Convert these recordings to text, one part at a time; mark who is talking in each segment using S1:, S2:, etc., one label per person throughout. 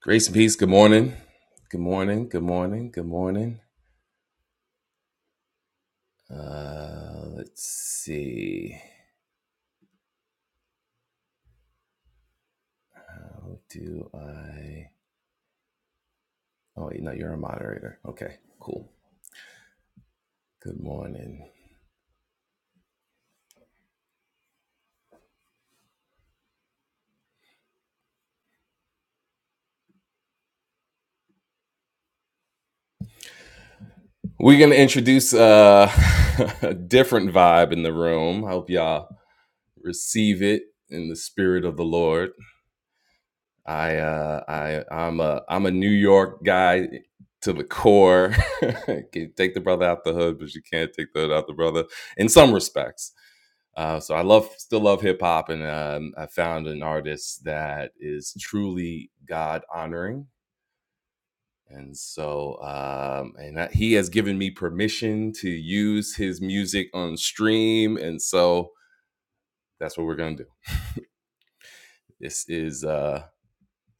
S1: Grace and peace. Good morning. Good morning. Good morning. Good morning. Uh, let's see. How do I? Oh wait, no, you're a moderator. Okay, cool. Good morning. We're gonna introduce uh, a different vibe in the room. I hope y'all receive it in the spirit of the Lord. I uh I I'm a I'm a New York guy to the core. can take the brother out the hood, but you can't take the hood out the brother in some respects. Uh, so I love still love hip hop, and um, I found an artist that is truly God honoring. And so, um, and that, he has given me permission to use his music on stream, and so that's what we're gonna do. This is uh,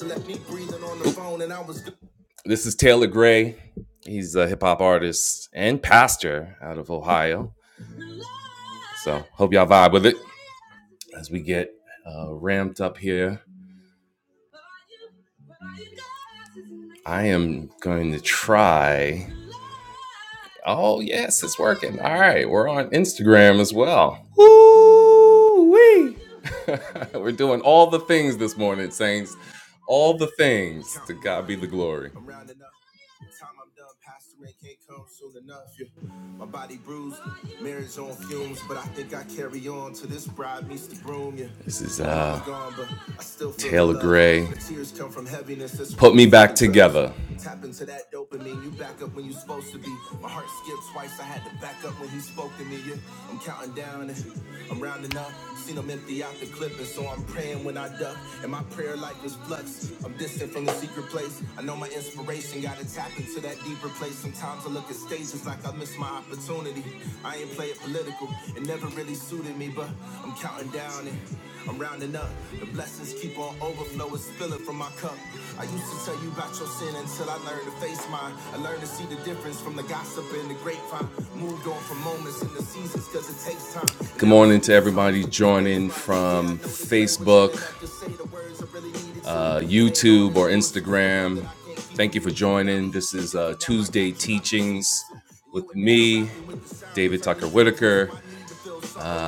S1: Let me breathing on the phone, and I was This is Taylor Gray. He's a hip hop artist and pastor out of Ohio. So hope y'all vibe with it as we get uh, ramped up here. I am going to try. Oh yes, it's working. All right, we're on Instagram as well. Woo wee! we're doing all the things this morning, saints. All the things. To God be the glory. Time I'm done pastoring can't come soon enough. Yeah. My body bruised, marriage on fumes, but I think I carry on till this bride meets the broom. Yeah. This is uh Taylor Gray. Put me back together. Tap into that dopamine, you back up when you supposed to be. My heart skipped twice, I had to back up when he spoke to me. Yeah, I'm counting down, I'm rounding up. Seen him empty out the clip, and so I'm praying when I duck. And my prayer life is flux. I'm distant from the secret place. I know my inspiration, gotta tap into that deeper place. Sometimes I look at stages like I miss my opportunity. I ain't play it political, it never really suited me, but I'm counting down and I'm rounding up. The blessings keep on overflowing, spilling from my cup. I used to tell you about your sin until I learned to face mine. I learned to see the difference from the gossip and the grapevine. Moved on from moments in the seasons because it takes time. Good morning to everybody joining from Facebook, really uh, YouTube, or Instagram. Thank you for joining. This is uh, Tuesday Teachings with me, David Tucker furniture Whitaker.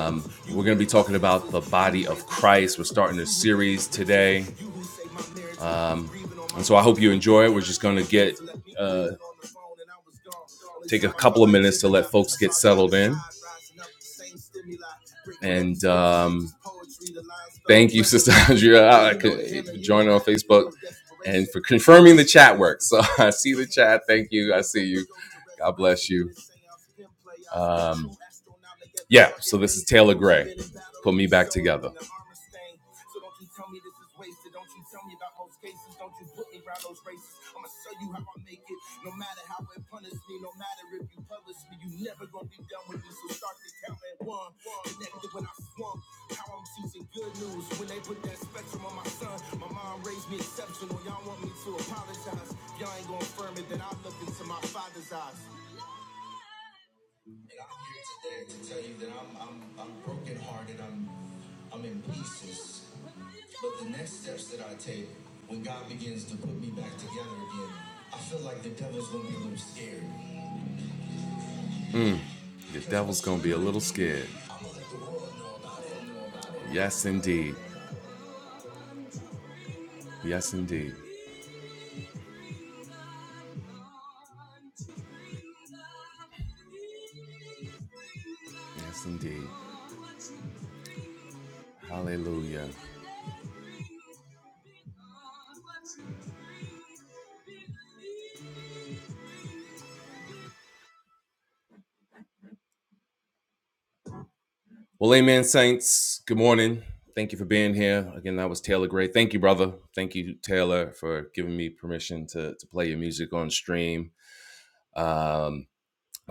S1: Um, we're going to be talking about the body of Christ. We're starting a series today. Um, and so I hope you enjoy it. We're just going to get uh, take a couple of minutes to let folks get settled in. And um, thank you, Sister Andrea, uh, for joining on Facebook and for confirming the chat work. So I see the chat. Thank you. I see you. God bless you. Um, yeah, so this is Taylor Gray. Put me back together. So don't you tell me this is wasted. Don't you tell me about most cases. Don't you put me around those races. I'ma show you how I make it. No matter how it punish me, no matter if you publish me, you never gonna be done with me. So start to count at one. Connected when I swung. How I'm choosing good news when they put that spectrum on my son. My mom raised me exceptional. Y'all want me to apologize. Y'all ain't gonna affirm it that I look into my father's eyes. And I'm here today to tell you that I'm I'm I'm brokenhearted. I'm The devil's gonna be a little scared. Yes, indeed. Yes, indeed. Yes, indeed. Hallelujah. Well, amen, saints. Good morning. Thank you for being here. Again, that was Taylor Gray. Thank you, brother. Thank you, Taylor, for giving me permission to, to play your music on stream. Um,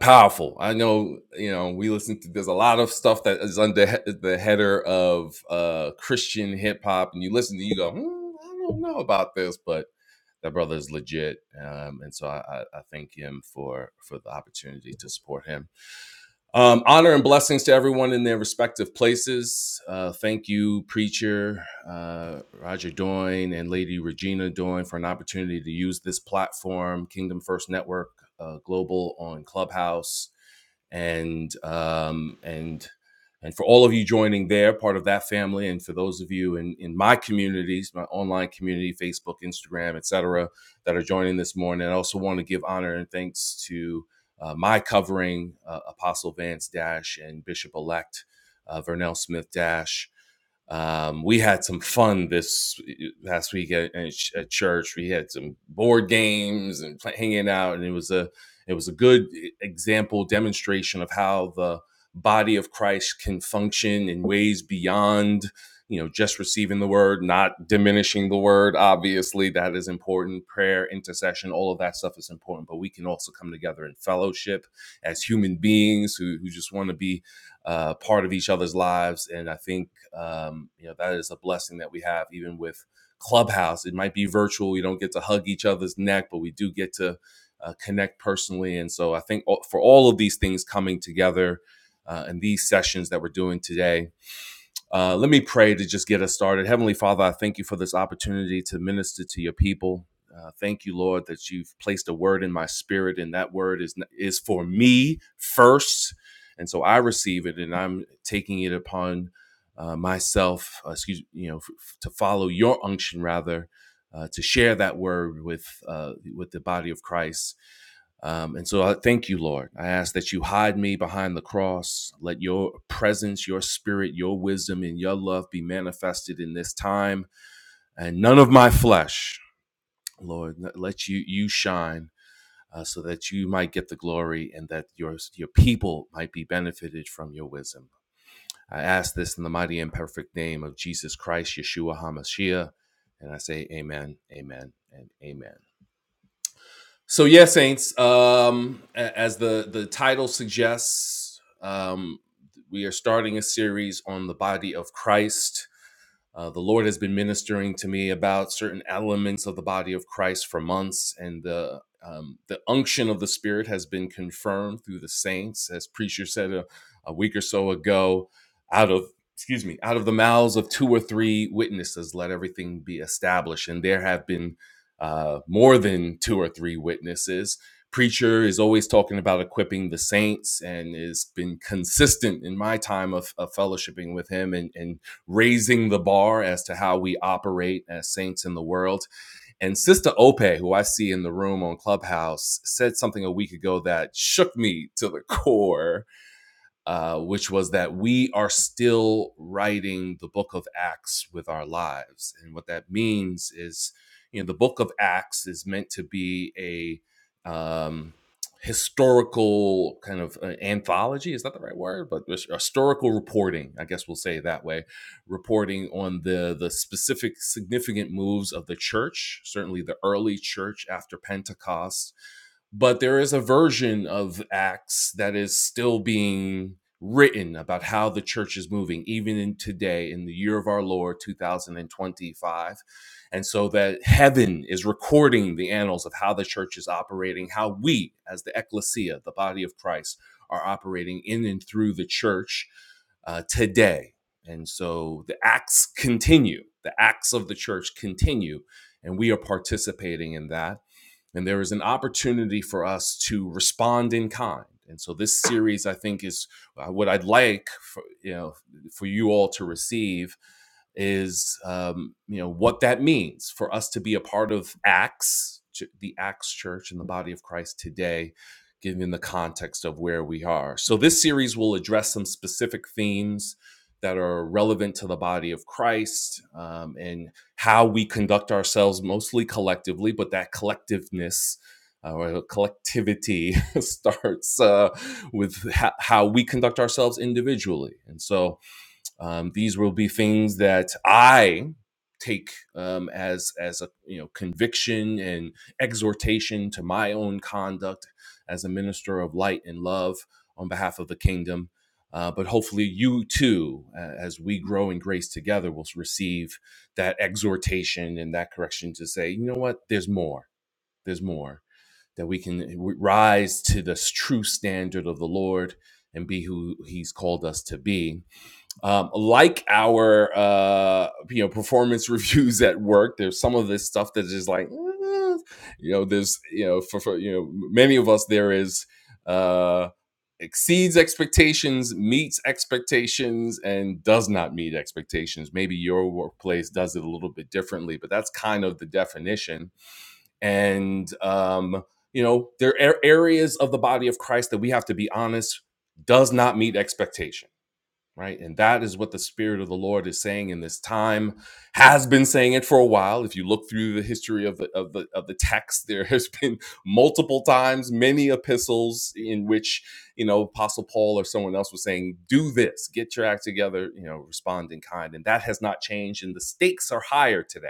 S1: powerful. I know, you know, we listen to there's a lot of stuff that is under he- the header of uh Christian hip hop, and you listen to you go, hmm, I don't know about this, but that brother is legit, um, and so I, I, I thank him for for the opportunity to support him. Um, honor and blessings to everyone in their respective places. Uh, thank you, Preacher uh, Roger Doyne and Lady Regina Doyne, for an opportunity to use this platform, Kingdom First Network uh, Global on Clubhouse, and um, and and for all of you joining there, part of that family, and for those of you in, in my communities, my online community, Facebook, Instagram, etc., that are joining this morning. I also want to give honor and thanks to uh, my covering uh, Apostle Vance Dash and Bishop Elect uh, Vernell Smith Dash um, we had some fun this past week at, at church. We had some board games and play, hanging out, and it was a it was a good e, example demonstration of how the body of Christ can function in ways beyond you know just receiving the word, not diminishing the word. Obviously, that is important. Prayer, intercession, all of that stuff is important, but we can also come together in fellowship as human beings who who just want to be uh, part of each other's lives, and I think um, you know, that is a blessing that we have, even with Clubhouse. It might be virtual. We don't get to hug each other's neck, but we do get to uh, connect personally. And so I think all- for all of these things coming together uh, in these sessions that we're doing today, uh, let me pray to just get us started. Heavenly Father, I thank you for this opportunity to minister to your people. Uh, thank you, Lord, that you've placed a word in my spirit, and that word is is for me first. And so I receive it, and I'm taking it upon uh, myself, uh, excuse you know, f- to follow your unction rather, uh, to share that word with uh, with the body of Christ. Um, and so I thank you, Lord. I ask that you hide me behind the cross. Let your presence, your spirit, your wisdom, and your love be manifested in this time. And none of my flesh, Lord, let you you shine uh, so that you might get the glory and that your your people might be benefited from your wisdom. I ask this in the mighty and perfect name of Jesus Christ, Yeshua HaMashiach. And I say, Amen, Amen, and Amen. So yeah, Saints. Um, as the the title suggests, um, we are starting a series on the body of Christ. Uh, the Lord has been ministering to me about certain elements of the body of Christ for months, and the um, the unction of the Spirit has been confirmed through the saints, as preacher said a, a week or so ago. Out of excuse me, out of the mouths of two or three witnesses, let everything be established. And there have been uh, more than two or three witnesses. Preacher is always talking about equipping the saints, and has been consistent in my time of, of fellowshipping with him, and and raising the bar as to how we operate as saints in the world. And Sister Ope, who I see in the room on Clubhouse, said something a week ago that shook me to the core uh, which was that we are still writing the book of Acts with our lives. And what that means is, you know, the book of Acts is meant to be a um, historical kind of uh, anthology. Is that the right word? But historical reporting, I guess we'll say it that way, reporting on the, the specific significant moves of the church, certainly the early church after Pentecost but there is a version of Acts that is still being written about how the church is moving, even in today, in the year of our Lord 2025. And so that heaven is recording the annals of how the church is operating, how we, as the ecclesia, the body of Christ, are operating in and through the church uh, today. And so the acts continue, the acts of the church continue, and we are participating in that and there is an opportunity for us to respond in kind. And so this series, I think, is uh, what I'd like for you know for you all to receive is um, you know what that means for us to be a part of Acts, the Acts Church, and the body of Christ today, given the context of where we are. So this series will address some specific themes that are relevant to the body of Christ um, and how we conduct ourselves mostly collectively, but that collectiveness uh, or collectivity starts uh, with ho- how we conduct ourselves individually. And so um, these will be things that I take um, as as a you know conviction and exhortation to my own conduct as a minister of light and love on behalf of the kingdom. Uh, but hopefully, you too, uh, as we grow in grace together, will receive that exhortation and that correction to say, you know what, there's more. There's more that we can rise to this true standard of the Lord and be who He's called us to be um, like our uh, you know performance reviews at work there's some of this stuff that's like eh, you know there's you know for, for you know many of us there is uh, exceeds expectations meets expectations and does not meet expectations maybe your workplace does it a little bit differently but that's kind of the definition and um, you know there are areas of the body of christ that we have to be honest does not meet expectation right? And that is what the Spirit of the Lord is saying in this time, has been saying it for a while. If you look through the history of the of the of the text, there has been multiple times, many epistles in which you know Apostle Paul or someone else was saying, "Do this, get your act together," you know, respond in kind, and that has not changed. And the stakes are higher today,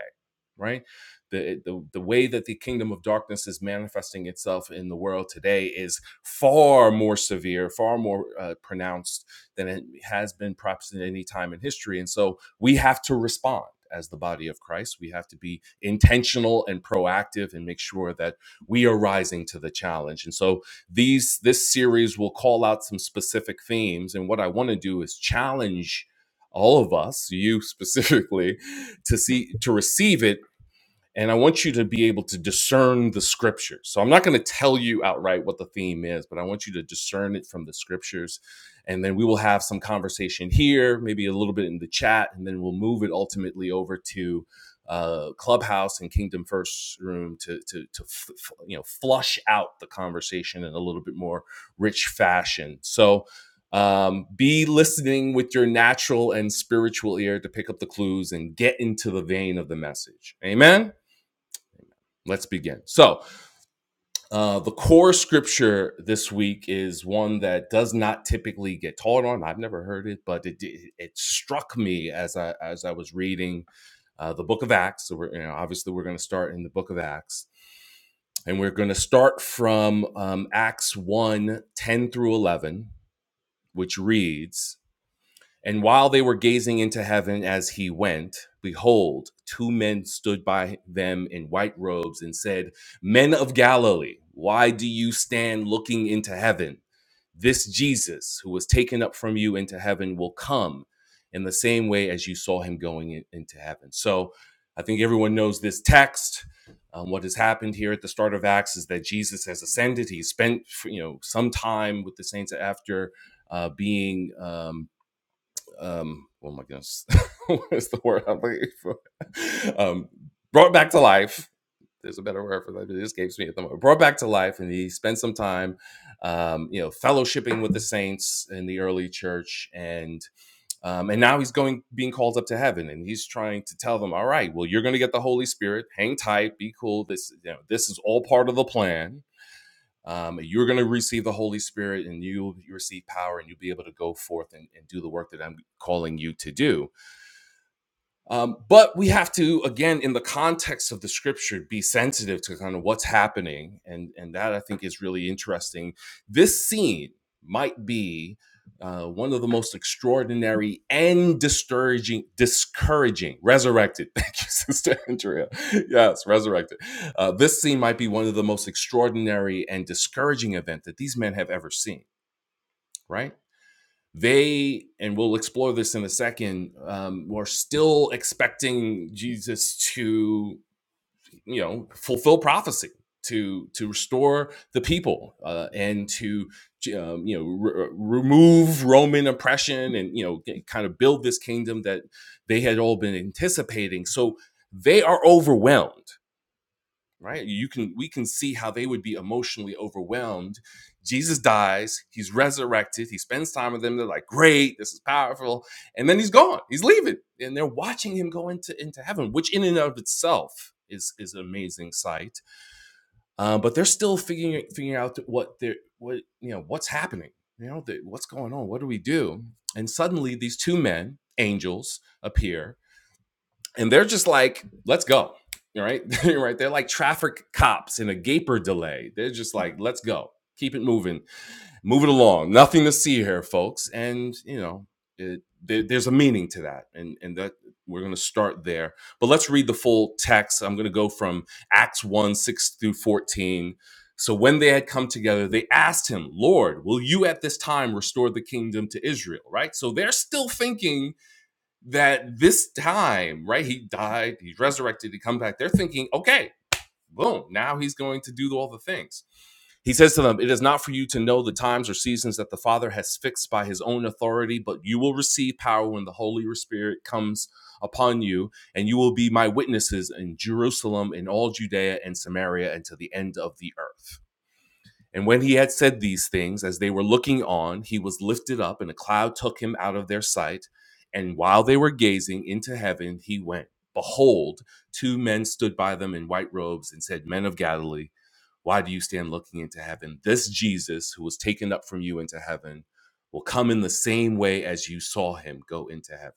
S1: right? The, the, the way that the kingdom of darkness is manifesting itself in the world today is far more severe, far more uh, pronounced than it has been perhaps in any time in history. And so we have to respond as the body of Christ. We have to be intentional and proactive and make sure that we are rising to the challenge. And so these this series will call out some specific themes. And what I want to do is challenge all of us, you specifically, to see to receive it and I want you to be able to discern the scriptures. So I'm not going to tell you outright what the theme is, but I want you to discern it from the scriptures. And then we will have some conversation here, maybe a little bit in the chat, and then we'll move it ultimately over to uh, Clubhouse and Kingdom First Room to to to f- f- you know flush out the conversation in a little bit more rich fashion. So um, be listening with your natural and spiritual ear to pick up the clues and get into the vein of the message. Amen. Let's begin. So, uh, the core scripture this week is one that does not typically get taught on. I've never heard it, but it it, struck me as I as I was reading uh, the Book of Acts. So, we're you know, obviously we're going to start in the Book of Acts, and we're going to start from um, Acts one 10 through eleven, which reads. And while they were gazing into heaven as he went, behold, two men stood by them in white robes and said, Men of Galilee, why do you stand looking into heaven? This Jesus, who was taken up from you into heaven, will come in the same way as you saw him going in- into heaven. So I think everyone knows this text. Um, what has happened here at the start of Acts is that Jesus has ascended. He spent, you know, some time with the saints after uh, being um, um oh my goodness what is the word i'm looking for um brought back to life there's a better word for that but it escapes me at the moment brought back to life and he spent some time um you know fellowshipping with the saints in the early church and um and now he's going being called up to heaven and he's trying to tell them all right well you're going to get the holy spirit hang tight be cool this you know this is all part of the plan um, you're going to receive the Holy Spirit and you'll you receive power and you'll be able to go forth and, and do the work that I'm calling you to do um, but we have to, again, in the context of the scripture, be sensitive to kind of what's happening. And, and that I think is really interesting. This scene might be uh, one of the most extraordinary and discouraging, discouraging, resurrected. Thank you, Sister Andrea. Yes, resurrected. Uh, this scene might be one of the most extraordinary and discouraging event that these men have ever seen, right? they and we'll explore this in a second um, were still expecting jesus to you know fulfill prophecy to to restore the people uh, and to um, you know re- uh, remove roman oppression and you know kind of build this kingdom that they had all been anticipating so they are overwhelmed right you can we can see how they would be emotionally overwhelmed jesus dies he's resurrected he spends time with them they're like great this is powerful and then he's gone he's leaving and they're watching him go into into heaven which in and of itself is is an amazing sight uh, but they're still figuring figuring out what they're what you know what's happening you know the, what's going on what do we do and suddenly these two men angels appear and they're just like, let's go. All right. right. They're like traffic cops in a gaper delay. They're just like, let's go. Keep it moving. Move it along. Nothing to see here, folks. And, you know, it, there, there's a meaning to that. And, and that we're going to start there. But let's read the full text. I'm going to go from Acts 1 6 through 14. So when they had come together, they asked him, Lord, will you at this time restore the kingdom to Israel? Right. So they're still thinking that this time, right? He died, He's resurrected, he come back. They're thinking, okay, boom, now he's going to do all the things. He says to them, It is not for you to know the times or seasons that the Father has fixed by his own authority, but you will receive power when the Holy Spirit comes upon you, and you will be my witnesses in Jerusalem, in all Judea and Samaria, and to the end of the earth and when he had said these things, as they were looking on, he was lifted up, and a cloud took him out of their sight. And while they were gazing into heaven, he went. Behold, two men stood by them in white robes and said, Men of Galilee, why do you stand looking into heaven? This Jesus, who was taken up from you into heaven, will come in the same way as you saw him go into heaven.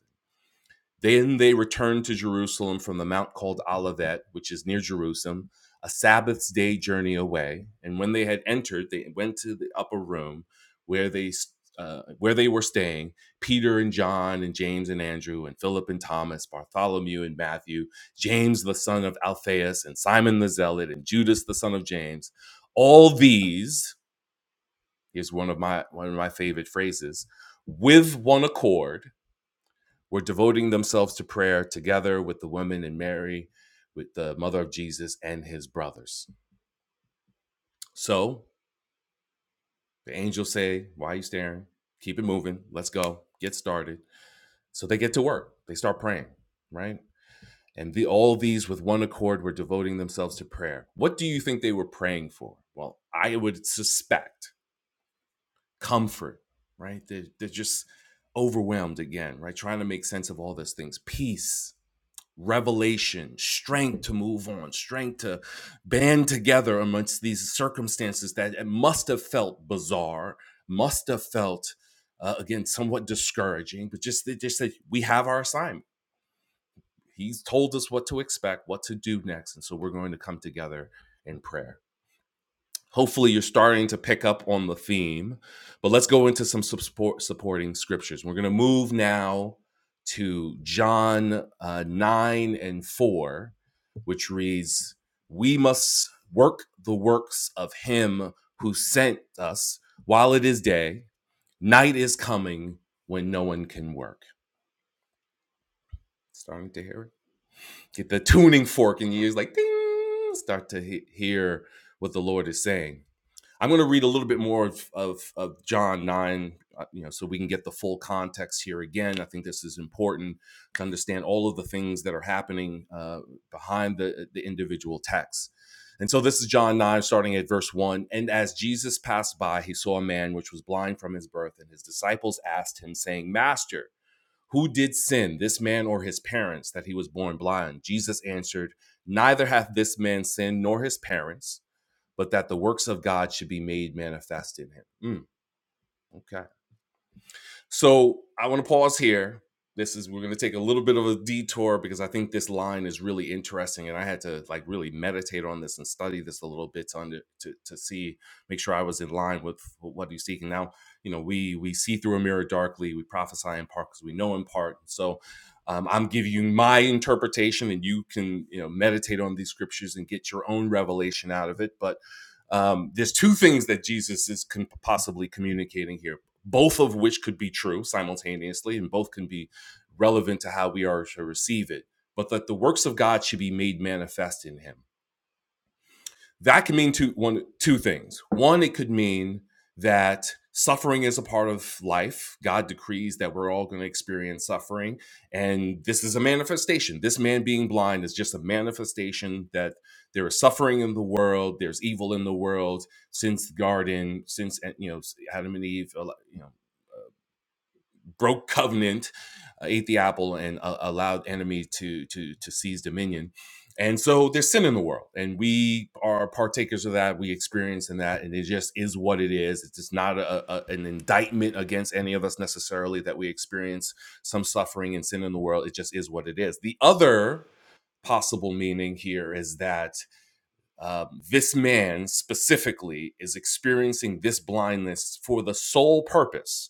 S1: Then they returned to Jerusalem from the mount called Olivet, which is near Jerusalem, a Sabbath's day journey away. And when they had entered, they went to the upper room where they uh, where they were staying. Peter and John and James and Andrew and Philip and Thomas, Bartholomew and Matthew, James the son of Alphaeus and Simon the Zealot and Judas the son of James. All these is one of my one of my favorite phrases. With one accord were devoting themselves to prayer together with the women and Mary, with the mother of Jesus and his brothers. So the angels say, Why are you staring? Keep it moving. Let's go. Get started. So they get to work. They start praying, right? And the, all these with one accord were devoting themselves to prayer. What do you think they were praying for? Well, I would suspect comfort, right? They're, they're just overwhelmed again, right? Trying to make sense of all these things, peace, revelation, strength to move on, strength to band together amongst these circumstances that it must have felt bizarre, must have felt uh, again somewhat discouraging, but just they just that we have our assignment. He's told us what to expect, what to do next, and so we're going to come together in prayer. Hopefully, you're starting to pick up on the theme, but let's go into some support, supporting scriptures. We're going to move now to John uh, 9 and 4, which reads, We must work the works of him who sent us while it is day. Night is coming when no one can work. Starting to hear it. Get the tuning fork in your ears, like ding, start to he- hear what the Lord is saying. I'm going to read a little bit more of, of, of John 9, uh, you know, so we can get the full context here again. I think this is important to understand all of the things that are happening uh, behind the, the individual texts. And so this is John 9, starting at verse 1. And as Jesus passed by, he saw a man which was blind from his birth, and his disciples asked him, saying, Master, who did sin, this man or his parents, that he was born blind? Jesus answered, Neither hath this man sinned nor his parents but that the works of God should be made manifest in him. Mm, okay. So I want to pause here. This is we're going to take a little bit of a detour because I think this line is really interesting, and I had to like really meditate on this and study this a little bit to under, to to see make sure I was in line with what he's seeking. Now, you know, we we see through a mirror darkly, we prophesy in part because we know in part. So, um, I'm giving you my interpretation, and you can you know meditate on these scriptures and get your own revelation out of it. But um, there's two things that Jesus is con- possibly communicating here both of which could be true simultaneously and both can be relevant to how we are to receive it but that the works of god should be made manifest in him that can mean two one two things one it could mean that suffering is a part of life god decrees that we're all going to experience suffering and this is a manifestation this man being blind is just a manifestation that there is suffering in the world there's evil in the world since the garden since you know adam and eve you know broke covenant, uh, ate the apple, and uh, allowed enemy to to to seize dominion. And so there's sin in the world, and we are partakers of that. We experience in that, and it just is what it is. It's just not a, a, an indictment against any of us necessarily that we experience some suffering and sin in the world. It just is what it is. The other possible meaning here is that um, this man specifically is experiencing this blindness for the sole purpose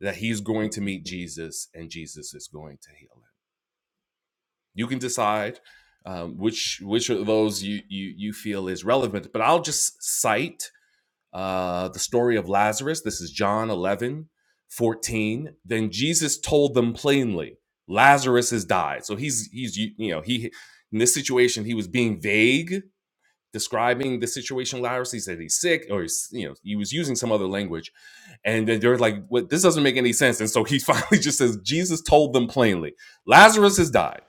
S1: that he's going to meet Jesus and Jesus is going to heal him. You can decide um, which which of those you, you you feel is relevant, but I'll just cite uh, the story of Lazarus. This is John 11 14. Then Jesus told them plainly, Lazarus has died. So he's he's you know he in this situation he was being vague describing the situation Lowers. He said he's sick, or he's, you know, he was using some other language. And then they're like, "What? This doesn't make any sense." And so he finally just says, "Jesus told them plainly, Lazarus has died."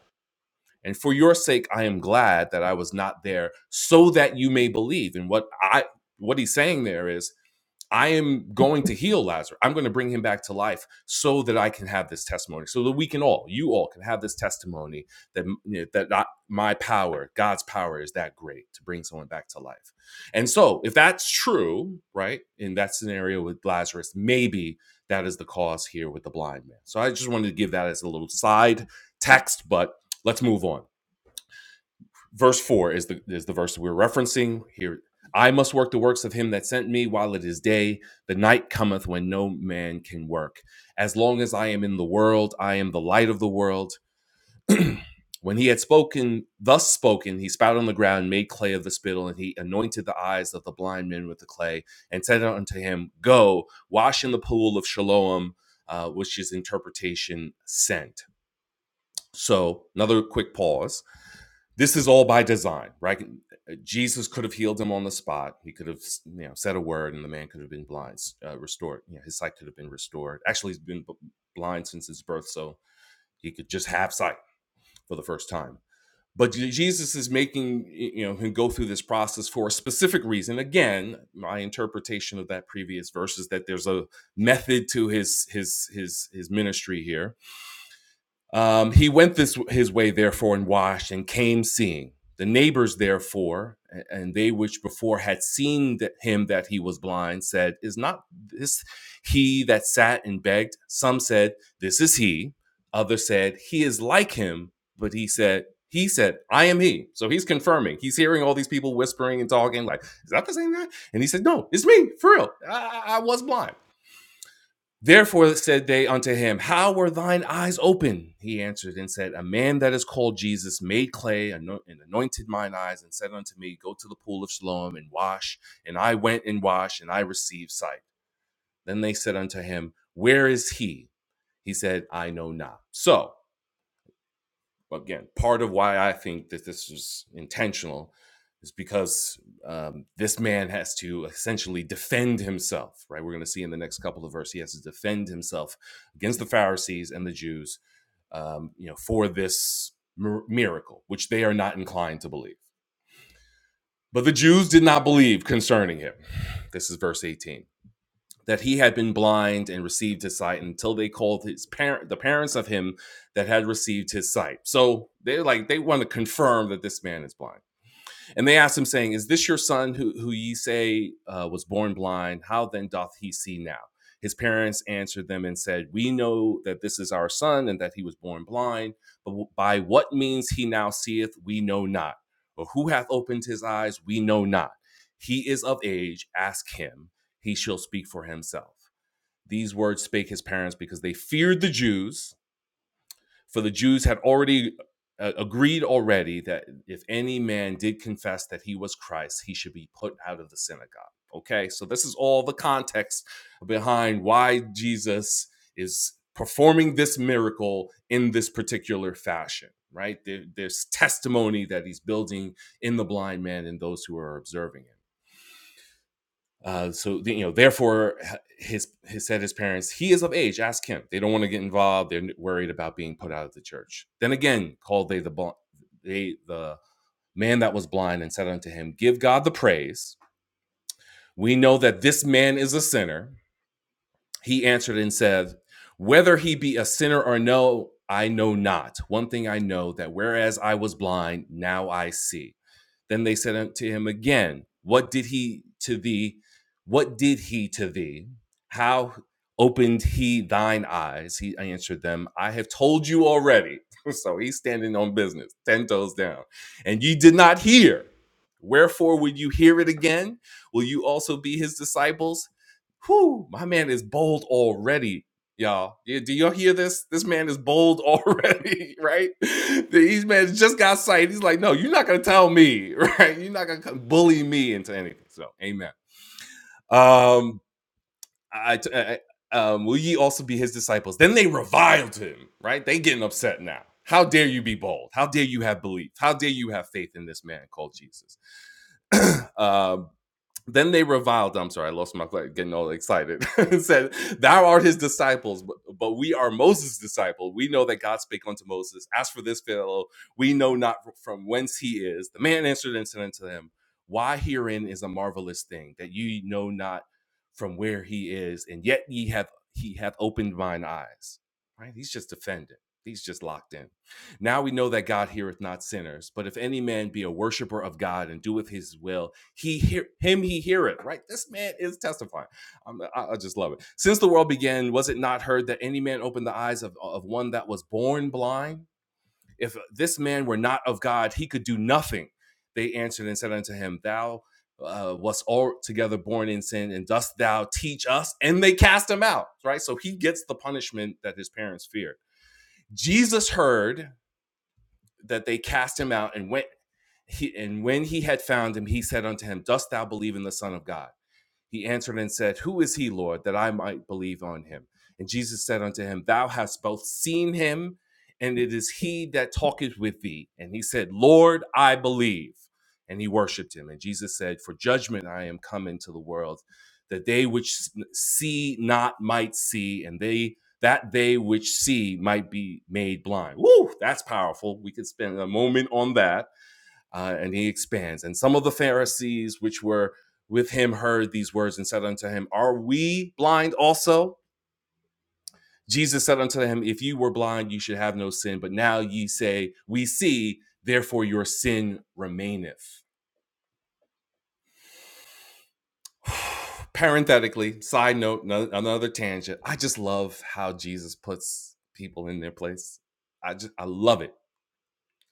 S1: And for your sake, I am glad that I was not there, so that you may believe. And what I what he's saying there is I am going to heal Lazarus. I'm going to bring him back to life so that I can have this testimony, so that we can all, you all, can have this testimony that you know, that I- my power, God's power, is that great to bring someone back to life. And so, if that's true, right, in that scenario with Lazarus, maybe that is the cause here with the blind man. So I just wanted to give that as a little side text, but let's move on verse 4 is the is the verse we're referencing here i must work the works of him that sent me while it is day the night cometh when no man can work as long as i am in the world i am the light of the world when he had spoken thus spoken he spat on the ground made clay of the spittle and he anointed the eyes of the blind men with the clay and said unto him go wash in the pool of siloam uh, which is interpretation sent so another quick pause this is all by design, right? Jesus could have healed him on the spot. He could have, you know, said a word, and the man could have been blind, uh, restored. You know, his sight could have been restored. Actually, he's been b- blind since his birth, so he could just have sight for the first time. But Jesus is making you know him go through this process for a specific reason. Again, my interpretation of that previous verse is that there's a method to his his his his ministry here um, he went this his way therefore and washed and came seeing the neighbors therefore and they which before had seen that him that he was blind said is not this he that sat and begged some said this is he others said he is like him but he said he said i am he so he's confirming he's hearing all these people whispering and talking like is that the same guy and he said no it's me for real I I was blind Therefore said they unto him, How were thine eyes open? He answered and said, A man that is called Jesus made clay and anointed mine eyes and said unto me, Go to the pool of Siloam and wash. And I went and washed, and I received sight. Then they said unto him, Where is he? He said, I know not. So, again, part of why I think that this was intentional is because um, this man has to essentially defend himself, right? We're going to see in the next couple of verses, he has to defend himself against the Pharisees and the Jews, um, you know, for this mir- miracle, which they are not inclined to believe. But the Jews did not believe concerning him. This is verse 18 that he had been blind and received his sight until they called his parent the parents of him that had received his sight so they like they want to confirm that this man is blind and they asked him, saying, Is this your son who, who ye say uh, was born blind? How then doth he see now? His parents answered them and said, We know that this is our son and that he was born blind, but by what means he now seeth, we know not. Or who hath opened his eyes, we know not. He is of age, ask him, he shall speak for himself. These words spake his parents because they feared the Jews for the Jews had already uh, agreed already that if any man did confess that he was Christ, he should be put out of the synagogue. Okay, so this is all the context behind why Jesus is performing this miracle in this particular fashion, right? There- there's testimony that he's building in the blind man and those who are observing him. Uh, so you know, therefore, his his said his parents, he is of age. Ask him. They don't want to get involved. They're worried about being put out of the church. Then again, called they the they the man that was blind and said unto him, Give God the praise. We know that this man is a sinner. He answered and said, Whether he be a sinner or no, I know not. One thing I know that whereas I was blind, now I see. Then they said unto him again, What did he to thee? What did he to thee? How opened he thine eyes? He answered them, I have told you already. So he's standing on business, 10 toes down. And ye did not hear. Wherefore would you hear it again? Will you also be his disciples? Whew, my man is bold already, y'all. Y- Do y'all hear this? This man is bold already, right? These man just got sight. He's like, no, you're not gonna tell me, right? You're not gonna bully me into anything. So, amen. Um, I, I- um, will ye also be his disciples? Then they reviled him, right? They getting upset now. How dare you be bold? How dare you have belief? How dare you have faith in this man called Jesus? Um then they reviled. I'm sorry, I lost my like, getting all excited. said, "Thou art his disciples, but, but we are Moses' disciple. We know that God spake unto Moses. As for this fellow, we know not from whence he is." The man answered and said unto them, "Why herein is a marvelous thing that ye know not from where he is, and yet ye have he hath opened mine eyes." Right? He's just defending. He's just locked in. Now we know that God heareth not sinners, but if any man be a worshiper of God and doeth his will, he hear him he hear it. right this man is testifying I'm, I, I just love it since the world began was it not heard that any man opened the eyes of, of one that was born blind if this man were not of god he could do nothing they answered and said unto him thou uh, wast altogether born in sin and dost thou teach us and they cast him out right so he gets the punishment that his parents feared jesus heard that they cast him out and went he, and when he had found him, he said unto him, Dost thou believe in the Son of God? He answered and said, Who is he, Lord, that I might believe on him? And Jesus said unto him, Thou hast both seen him, and it is he that talketh with thee. And he said, Lord, I believe. And he worshiped him. And Jesus said, For judgment I am come into the world, that they which see not might see, and they that they which see might be made blind. Woo, that's powerful. We could spend a moment on that uh, and he expands. And some of the Pharisees which were with him heard these words and said unto him, Are we blind also? Jesus said unto him, If you were blind, you should have no sin. But now ye say, We see, therefore your sin remaineth. Parenthetically, side note, no- another tangent. I just love how Jesus puts people in their place. I just, I love it.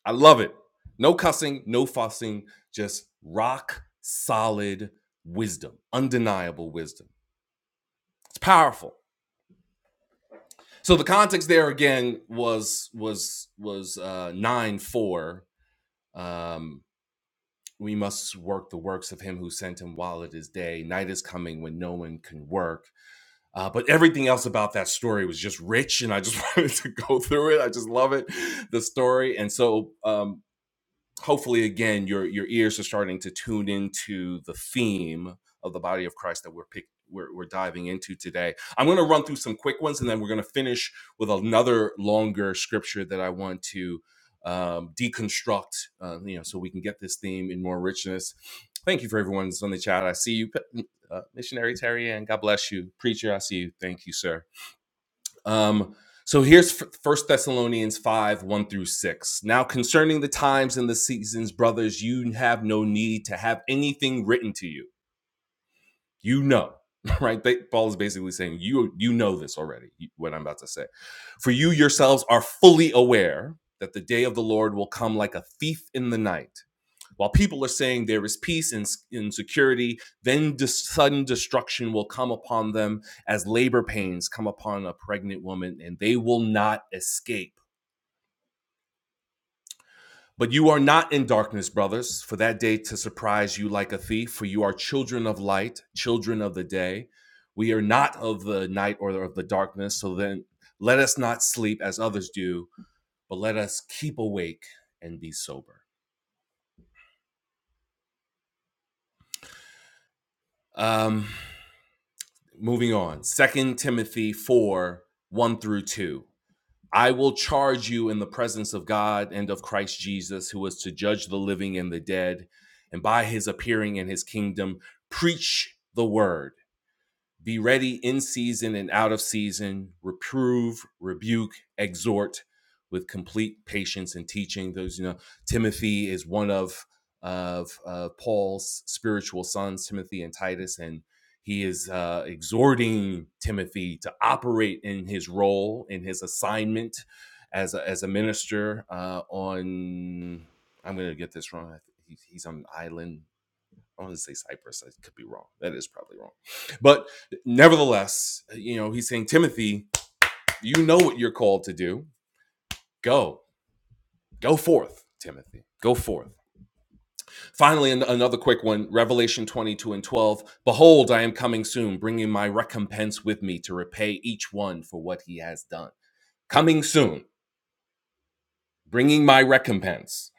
S1: I love it. No cussing, no fussing, just rock solid wisdom, undeniable wisdom. It's powerful. So the context there again was was was uh, nine four. Um, we must work the works of him who sent him while it is day. Night is coming when no one can work. Uh, but everything else about that story was just rich, and I just wanted to go through it. I just love it, the story. And so, um, hopefully again your your ears are starting to tune into the theme of the body of christ that we're pick, we're, we're diving into today i'm going to run through some quick ones and then we're going to finish with another longer scripture that i want to um, deconstruct uh, you know so we can get this theme in more richness thank you for everyone that's on the chat i see you uh, missionary terry and god bless you preacher i see you thank you sir um, so here's First Thessalonians 5 1 through 6. Now, concerning the times and the seasons, brothers, you have no need to have anything written to you. You know, right? They, Paul is basically saying, you, you know this already, what I'm about to say. For you yourselves are fully aware that the day of the Lord will come like a thief in the night. While people are saying there is peace and, s- and security, then dis- sudden destruction will come upon them as labor pains come upon a pregnant woman, and they will not escape. But you are not in darkness, brothers, for that day to surprise you like a thief, for you are children of light, children of the day. We are not of the night or of the darkness, so then let us not sleep as others do, but let us keep awake and be sober. Um, Moving on. Second Timothy 4 1 through 2. I will charge you in the presence of God and of Christ Jesus, who is to judge the living and the dead, and by his appearing in his kingdom, preach the word. Be ready in season and out of season, reprove, rebuke, exhort with complete patience and teaching. Those, you know, Timothy is one of of uh, Paul's spiritual sons, Timothy and Titus, and he is uh, exhorting Timothy to operate in his role, in his assignment as a, as a minister uh, on. I'm going to get this wrong. he's on an island I want to say Cyprus. I could be wrong. That is probably wrong. But nevertheless, uh, you know, he's saying, Timothy, you know what you're called to do. Go, go forth, Timothy. Go forth. Finally, an- another quick one Revelation 22 and 12. Behold, I am coming soon, bringing my recompense with me to repay each one for what he has done. Coming soon, bringing my recompense,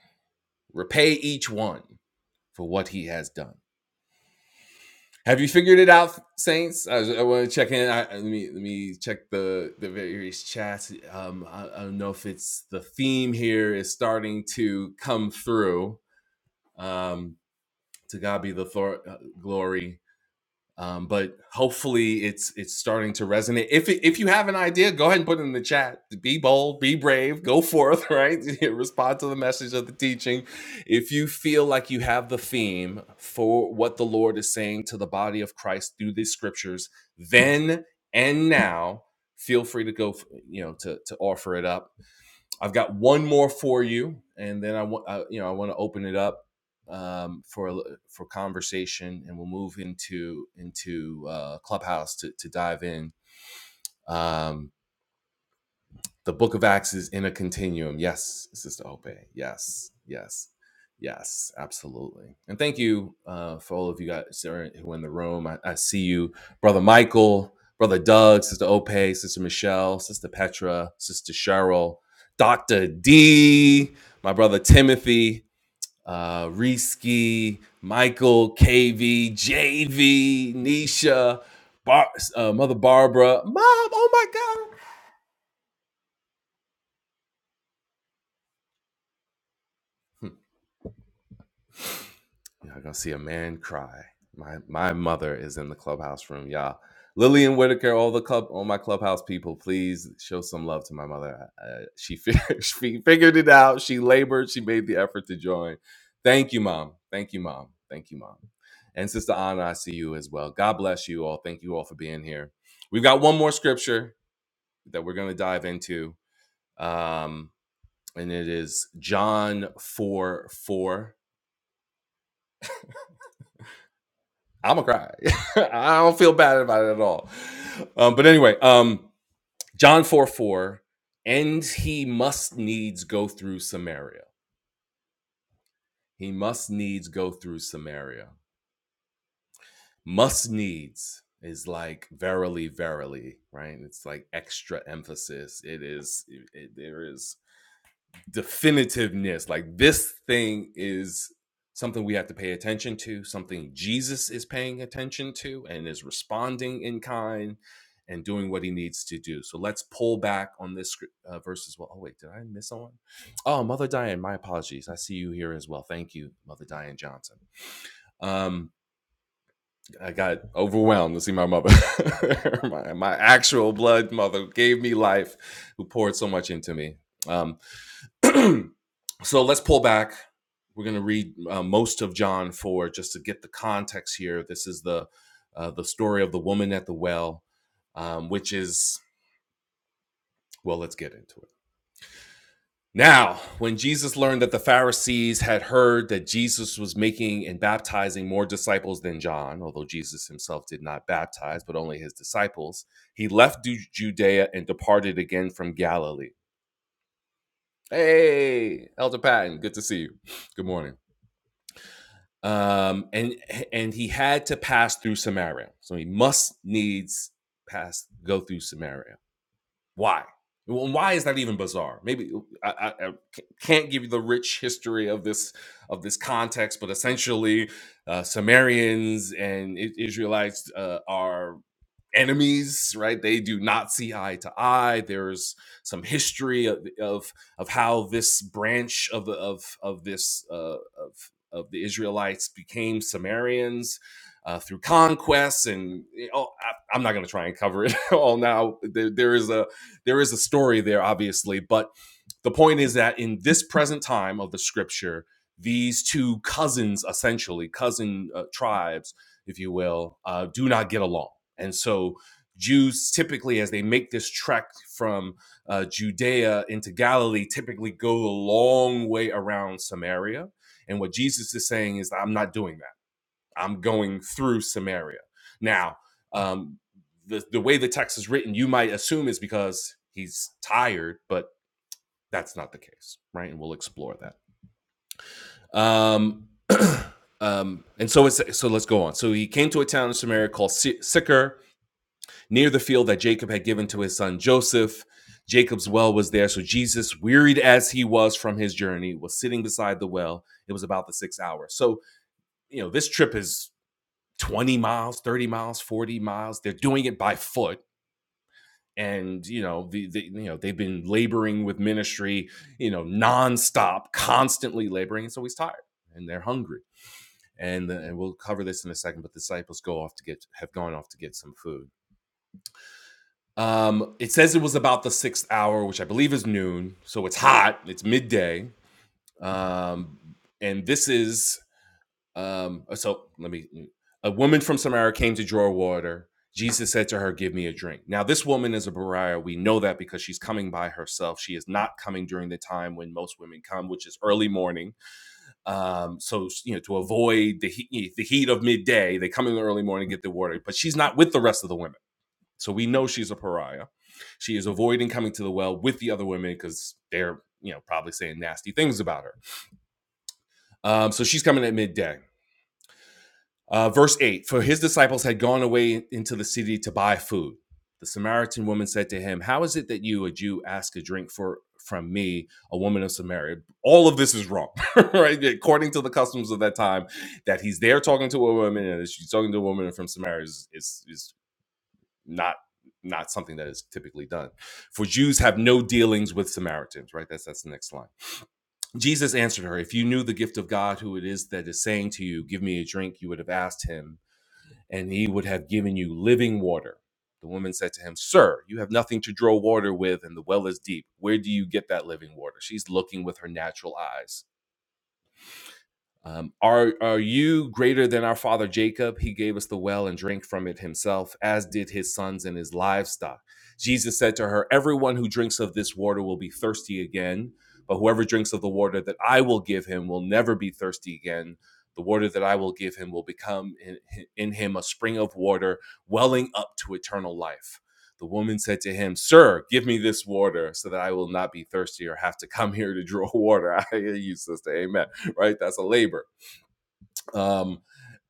S1: repay each one for what he has done. Have you figured it out, Saints? I, I want to check in. I, let me let me check the the various chats. Um, I, I don't know if it's the theme here is starting to come through. Um, to God be the thor- uh, glory. Um, but hopefully, it's it's starting to resonate. If if you have an idea, go ahead and put it in the chat. Be bold, be brave, go forth. Right, respond to the message of the teaching. If you feel like you have the theme for what the Lord is saying to the body of Christ through these scriptures, then and now, feel free to go. You know, to to offer it up I've got one more for you, and then I want you know I want to open it up um, for for conversation, and we'll move into into uh, Clubhouse to to dive in. Um, the book of Acts is in a continuum. Yes, Sister Ope. Yes, yes, yes, absolutely. And thank you uh, for all of you guys who are who are in the room. I, I see you, Brother Michael, Brother Doug, Sister Ope, Sister Michelle, Sister Petra, Sister Cheryl, Dr. D, my brother Timothy, uh, Reski, Michael, KV, JV, Nisha, Bar- uh, Mother Barbara, Mom, oh my God. Y'all gonna see a man cry. My my mother is in the clubhouse room, y'all. Lillian Whitaker, all the club, all my clubhouse people, please show some love to my mother. Uh, she, figured, she figured it out. She labored. She made the effort to join. Thank you, mom. Thank you, mom. Thank you, mom. And Sister Anna, I see you as well. God bless you all. Thank you all for being here. We've got one more scripture that we're gonna dive into, um, and it is John four four. I'm gonna cry. I don't feel bad about it at all. Um, but anyway, um, John 4 4, and he must needs go through Samaria. He must needs go through Samaria. Must needs is like verily, verily, right? It's like extra emphasis. It is, it, it- there is definitiveness like this thing is something we have to pay attention to something jesus is paying attention to and is responding in kind and doing what he needs to do so let's pull back on this scrip- uh, verse as well oh wait did i miss someone oh mother diane my apologies i see you here as well thank you mother diane johnson um i got overwhelmed to see my mother my, my actual blood mother gave me life who poured so much into me Um, so let's pull back. We're going to read uh, most of John 4 just to get the context here. This is the uh, the story of the woman at the well, um, which is well. Let's get into it. Now, when Jesus learned that the Pharisees had heard that Jesus was making and baptizing more disciples than John, although Jesus himself did not baptize, but only his disciples, he left Judea and departed again from Galilee. Hey, Elder Patton, good to see you. Good morning. um, and and he had to pass through Samaria. So he must needs pass go through Samaria. Why? Well, why is that even bizarre? Maybe I, I, I can't give you the rich history of this of this context, but essentially, uh, Sumerians and Israelites uh, are enemies right they do not see eye to eye there's some history of of, of how this branch of of of this uh, of of the israelites became sumerians uh, through conquests and you know, I, i'm not going to try and cover it all now there, there is a there is a story there obviously but the point is that in this present time of the scripture, these two cousins, essentially cousin uh, tribes, if you will, uh, do not get along, and so Jews typically, as they make this trek from uh, Judea into Galilee, typically go the long way around Samaria. And what Jesus is saying is, I'm not doing that. I'm going through Samaria. Now, um, the, the way the text is written, you might assume is because he's tired, but that's not the case, right? And we'll explore that. Um, um, and so it's so let's go on. So he came to a town in Samaria called Si- Sychar, near the field that Jacob had given to his son Joseph. Jacob's well was there, so Jesus, wearied as he was from his journey, was sitting beside the well. It was about the sixth hour. So you know this trip is twenty miles, thirty miles, forty miles. They're doing it by foot and you know the, the you know they've been laboring with ministry you know nonstop constantly laboring and so he's tired and they're hungry and the, and we'll cover this in a second but the disciples go off to get have gone off to get some food um it says it was about the sixth hour which i believe is noon so it's hot it's midday um and this is um, uh, so let me. mm, A woman from Samaria came to draw water. Jesus said to her, Give me a drink. Now, this woman is a pariah. We know that because she's coming by herself. She is not coming during the time when most women come, which is early morning. Um, so, you know, to avoid the heat, the heat of midday, they come in the early morning, get the water, but she's not with the rest of the women. So we know she's a pariah. She is avoiding coming to the well with the other women because they're, you know, probably saying nasty things about her. Um, so she's coming at midday. Uh, verse 8 For his disciples had gone away into the city to buy food. The Samaritan woman said to him, How is it that you, a Jew, ask a drink for from me, a woman of Samaria? All of this is wrong, right? According to the customs of that time, that he's there talking to a woman and she's talking to a woman from Samaria is, is, is not not something that is typically done. For Jews have no dealings with Samaritans, right? That's that's the next line. Jesus answered her, If you knew the gift of God, who it is that is saying to you, Give me a drink, you would have asked him and he would have given you living water. The woman said to him, Sir, you have nothing to draw water with, and the well is deep. Where do you get that living water? She's looking with her natural eyes. Um, are are you greater than our father Jacob? He gave us the well and drank from it himself, as did his sons and his livestock. Jesus said to her, Everyone who drinks of this water will be thirsty again, but whoever drinks of the water that I will give him will never be thirsty again. The water that I will give him will become in, in him a spring of water welling up to eternal life. The woman said to him, Sir, give me this water so that I will not be thirsty or have to come here to draw water. I hear you, sister. Amen right? That's a labor. Um,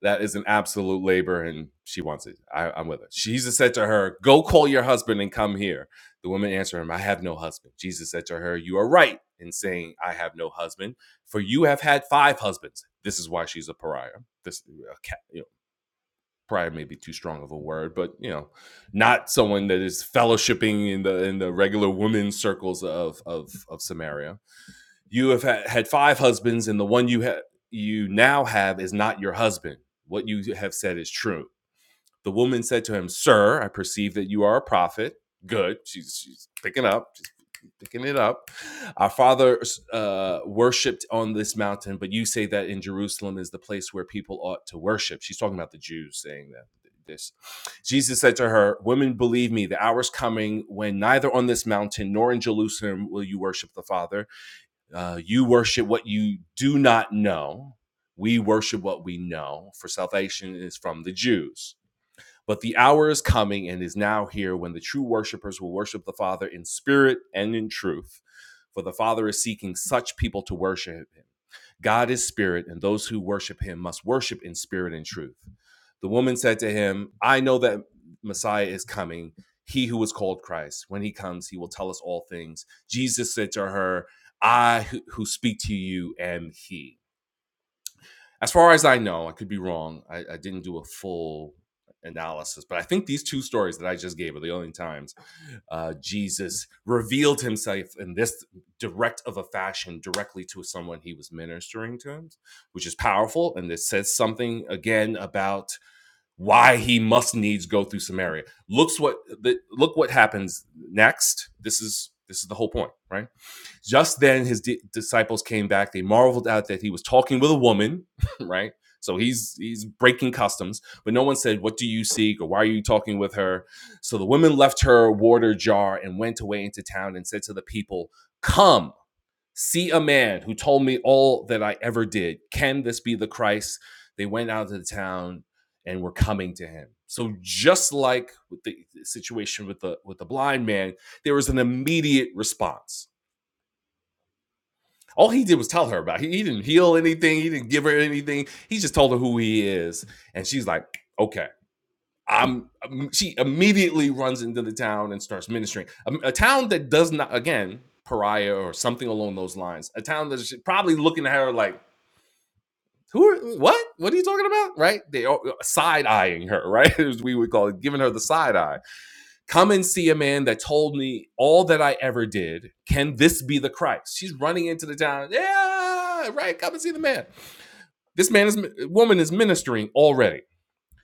S1: that is an absolute labor, and she wants it. I, I'm with her. Jesus said to her, Go call your husband and come here. The woman answered him, I have no husband. Jesus said to her, You are right in saying, I have no husband, for you have had five husbands. This is why she's a pariah. This, you know, pariah may be too strong of a word, but you know, not someone that is fellowshipping in the in the regular women circles of of of Samaria you have had five husbands, and the one you have you now have is not your husband. What you have said is true. The woman said to him, Sir, I perceive that you are a prophet. Good. She's, she's picking up, she's picking it up. Our fathers uh, worshiped on this mountain, but you say that in Jerusalem is the place where people ought to worship. She's talking about the Jews saying that. This. Jesus said to her, Women, believe me, the hour is coming when neither on this mountain nor in Jerusalem will you worship the Father. Uh, you worship what you do not know. We worship what we know, for salvation is from the Jews. But the hour is coming and is now here when the true worshipers will worship the Father in spirit and in truth, for the Father is seeking such people to worship him. God is spirit, and those who worship him must worship in spirit and truth. The woman said to him, I know that Messiah is coming, he who is called Christ. When he comes, he will tell us all things. Jesus said to her, I who speak to you am he. As far as I know, I could be wrong. I, I didn't do a full analysis, but I think these two stories that I just gave are the only times uh, Jesus revealed himself in this direct of a fashion directly to someone he was ministering to, which is powerful. And this says something again about why he must needs go through Samaria. Looks what the, look what happens next. This is this is the whole point, right? Just then, his di- disciples came back. They marveled at that he was talking with a woman, right? So he's he's breaking customs, but no one said, "What do you seek?" or "Why are you talking with her?" So the woman left her water jar and went away into town and said to the people, "Come, see a man who told me all that I ever did. Can this be the Christ?" They went out of the town and were coming to him. So just like with the situation with the with the blind man, there was an immediate response all he did was tell her about. it. He, he didn't heal anything. He didn't give her anything. He just told her who he is, and she's like, "Okay." I'm. um, She immediately runs into the town and starts ministering. Um, A, town that does not, again, pariah or something along those lines. A town that's probably looking at her like, "Who? Are, what? What are you talking about?" Right? They side eyeing her. Right? As we would call it, giving her the side eye Come and see a man that told me all that I ever did. Can this be the Christ? She's running into the town. Yeah, right. Come and see the man. This man is woman is ministering already.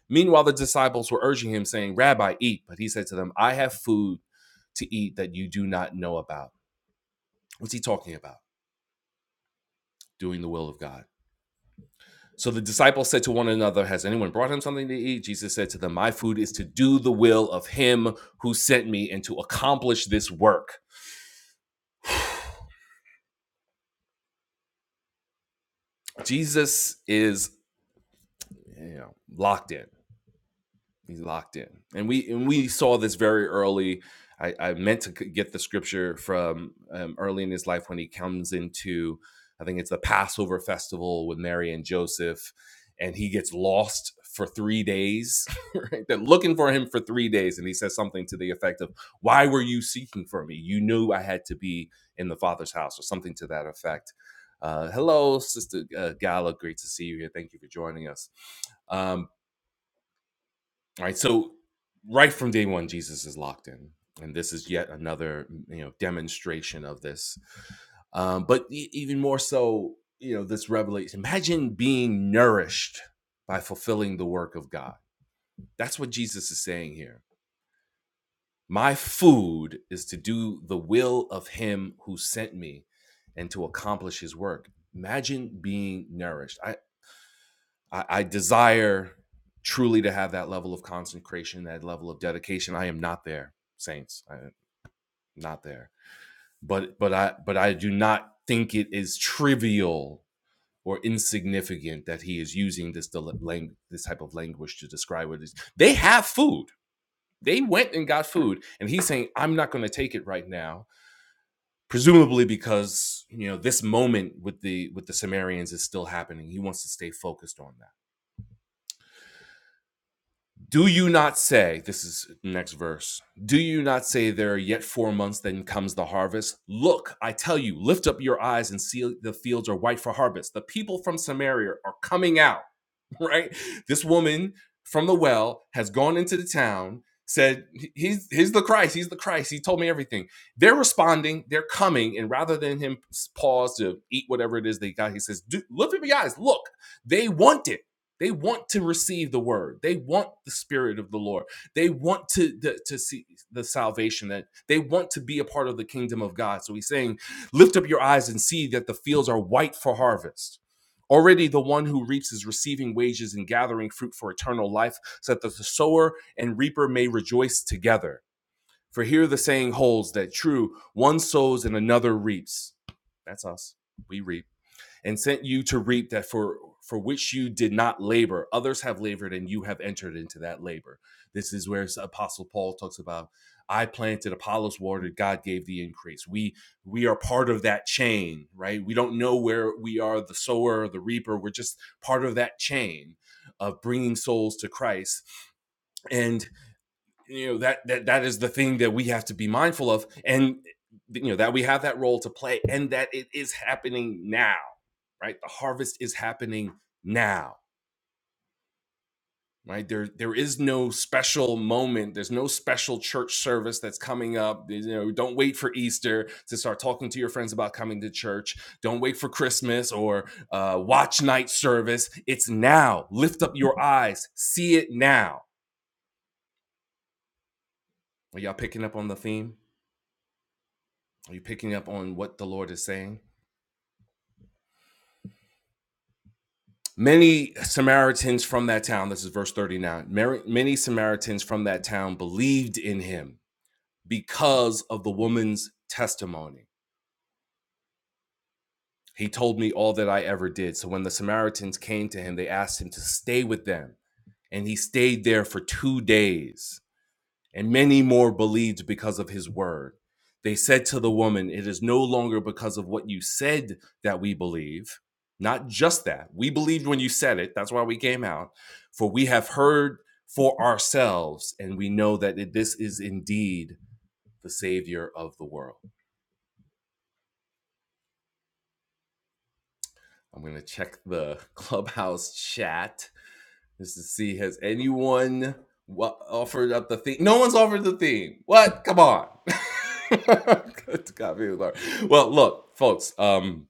S1: Meanwhile, the disciples were urging him, saying, "Rabbi, eat." But he said to them, "I have food to eat that you do not know about." What's he talking about? Doing the will of God. So the disciples said to one another, Has anyone brought him something to eat? Jesus said to them, My food is to do the will of him who sent me and to accomplish this work. Jesus is You know, locked in. He's locked in, and we and we saw this very early. I, I meant to get the scripture from um, early in his life when he comes into, I think it's the Passover festival with Mary and Joseph, and he gets lost for three days. Right? They're looking for him for three days, and he says something to the effect of, "Why were you seeking for me? You knew I had to be in the Father's house," or something to that effect. Uh, hello, Sister uh, Gala. Great to see you here. Thank you for joining us. Um, all right. So right from day one, Jesus is locked in, and this is yet another you know demonstration of this. Um, but e- even more so, you know, this revelation. Imagine being nourished by fulfilling the work of God. That's what Jesus is saying here. My food is to do the will of Him who sent me, and to accomplish His work. Imagine being nourished. I, I, I desire truly to have that level of consecration, that level of dedication. I am not there, saints. I am not there. But but I but I do not think it is trivial or insignificant that he is using this del- lang- this type of language to describe what it is. They have food. They went and got food, and he's saying, "I'm not going to take it right now." Presumably because you know this moment with the with the Sumerians is still happening. He wants to stay focused on that Do you not say, this is next verse, do you not say there are yet four months, then comes the harvest? Look, I tell you, lift up your eyes and see the fields are white for harvest. The people from Samaria are coming out right? This woman from the well has gone into the town, said, he's, he's the Christ, he's the Christ, he told me everything. They're responding, they're coming, and rather than him pause to eat whatever it is they got, he says, "Dude, look at me, guys, look, they want it. They want to receive the word. They want the spirit of the Lord. They want to, to, to see the salvation that they want to be a part of the kingdom of God. So he's saying, lift up your eyes and see that the fields are white for harvest Already the one who reaps is receiving wages and gathering fruit for eternal life, so that the sower and reaper may rejoice together. For here the saying holds that true, one sows and another reaps. That's us. We reap and sent you to reap that for for which you did not labor others have labored and you have entered into that labor this is where apostle paul talks about i planted apollos watered god gave the increase we we are part of that chain right we don't know where we are the sower the reaper we're just part of that chain of bringing souls to christ and you know that that that is the thing that we have to be mindful of and you know that we have that role to play and that it is happening now right the harvest is happening now right there there is no special moment there's no special church service that's coming up you know don't wait for easter to start talking to your friends about coming to church don't wait for christmas or uh, watch night service it's now lift up your eyes see it now are y'all picking up on the theme Are you picking up on what the Lord is saying? Many Samaritans from that town, this is verse 39, Mary, many Samaritans from that town believed in him because of the woman's testimony. He told me all that I ever did. So when the Samaritans came to him, they asked him to stay with them, and he stayed there for two days. and many more believed because of his word. They said to the woman, It is no longer because of what you said that we believe. Not just that. We believed when you said it. That's why we came out. For we have heard for ourselves, and we know that this is indeed the Savior of the world. I'm going to check the clubhouse chat. is to see has anyone wa- offered up the theme. No one's offered the theme. What? Come on. Good to God, we Lord. Well, look, folks. Um,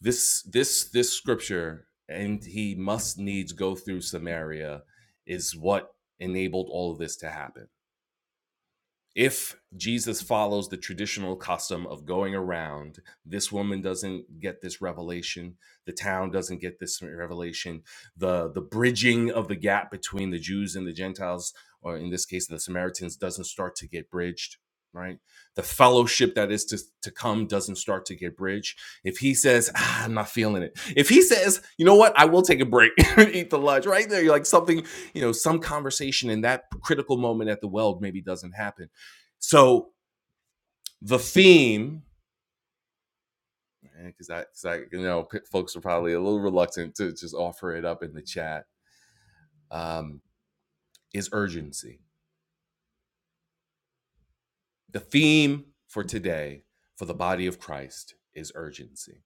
S1: this this this scripture, and he must needs go through Samaria, is what enabled all of this to happen if Jesus follows the traditional custom of going around, this woman doesn't get this revelation, the town doesn't get this revelation, the the bridging of the gap between the Jews and the Gentiles, or in this case the Samaritans, doesn't start to get bridged, right? The fellowship that is to, to come doesn't start to get bridged. If he says, ah, I'm not feeling it. If he says, you know what, I will take a break and eat the lunch right there, you're like something, you know, some conversation in that critical moment at the weld maybe doesn't happen so the theme, because I, 'cause I, you know, folks are probably a little reluctant to just offer it up in the chat, um, is urgency. The theme for today for the body of Christ is urgency.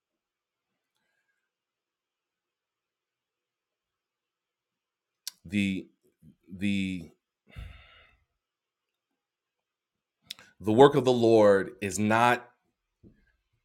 S1: The the the work of the Lord is not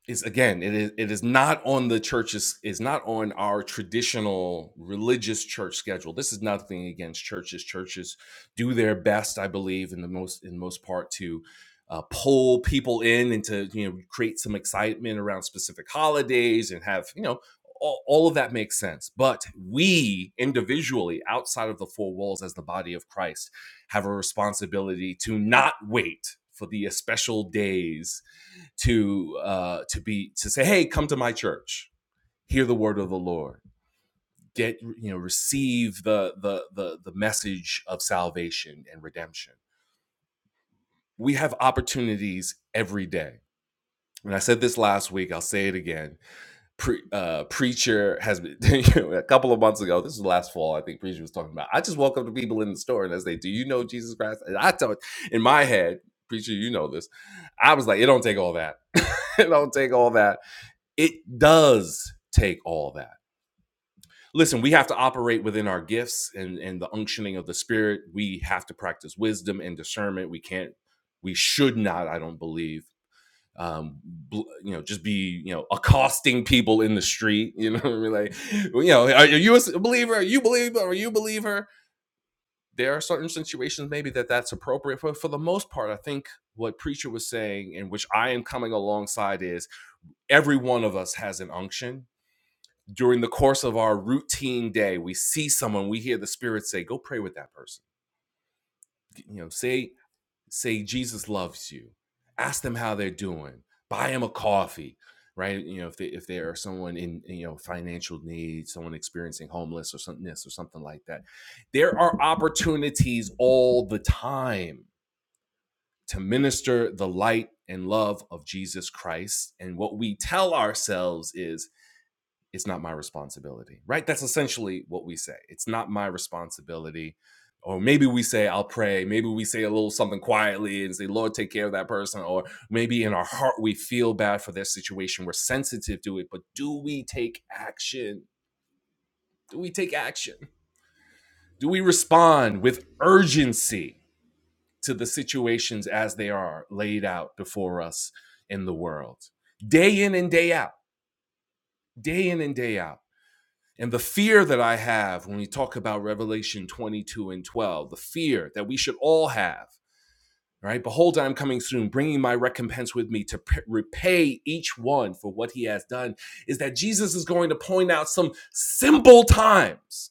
S1: is again it is it is not on the church's is not on our traditional religious church schedule this is nothing against churches churches do their best i believe in the most in most part to uh, pull people in and to you know create some excitement around specific holidays and have you know all, all of that makes sense but we individually outside of the four walls as the body of christ have a responsibility to not wait for the special days to uh, to be to say, hey, come to my church, hear the word of the Lord, get you know, receive the the the, the message of salvation and redemption. We have opportunities every day. And I said this last week. I'll say it again. Pre- uh, preacher has been you know, a couple of months ago. This was last fall. I think preacher was talking about. I just walk up to people in the store and I say, "Do you know Jesus Christ?" And I tell in my head, preacher, you know this. I was like, it don't take all that. it don't take all that it does take all that listen we have to operate within our gifts and and the unctioning of the spirit we have to practice wisdom and discernment we can't we should not i don't believe um bl- you know just be you know accosting people in the street you know what i mean like well, you know are you a believer are you a believer are you a believer there are certain situations maybe that that's appropriate but for the most part i think what preacher was saying and which i am coming alongside is every one of us has an unction during the course of our routine day we see someone we hear the spirit say go pray with that person you know say say jesus loves you ask them how they're doing buy them a coffee right you know if they if they are someone in you know financial need someone experiencing homeless or something or something like that there are opportunities all the time to minister the light and love of jesus christ and what we tell ourselves is it's not my responsibility, right? That's essentially what we say. It's not my responsibility. Or maybe we say, I'll pray. Maybe we say a little something quietly and say, Lord, take care of that person. Or maybe in our heart, we feel bad for their situation. We're sensitive to it. But do we take action? Do we take action? Do we respond with urgency to the situations as they are laid out before us in the world? Day in and day out, day in and day out. And the fear that I have when we talk about Revelation 22 and 12, the fear that we should all have, right? Behold, I'm coming soon, bringing my recompense with me to p- repay each one for what he has done, is that Jesus is going to point out some simple times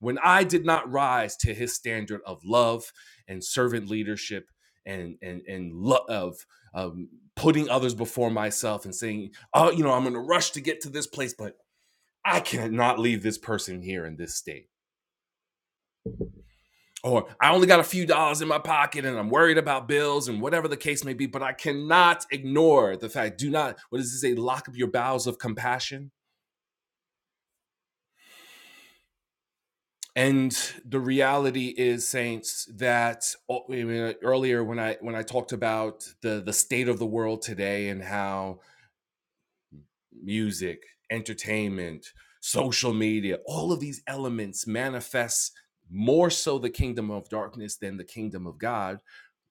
S1: when I did not rise to his standard of love and servant leadership and, and, and love of um, putting others before myself and saying, oh, you know, I'm going to rush to get to this place, but I cannot leave this person here in this state. Or I only got a few dollars in my pocket and I'm worried about bills and whatever the case may be, but I cannot ignore the fact, do not, what does it say, lock up your bowels of compassion? And the reality is, saints, that oh, earlier when I when I talked about the the state of the world today and how music, entertainment, social media, all of these elements manifest more so the kingdom of darkness than the kingdom of God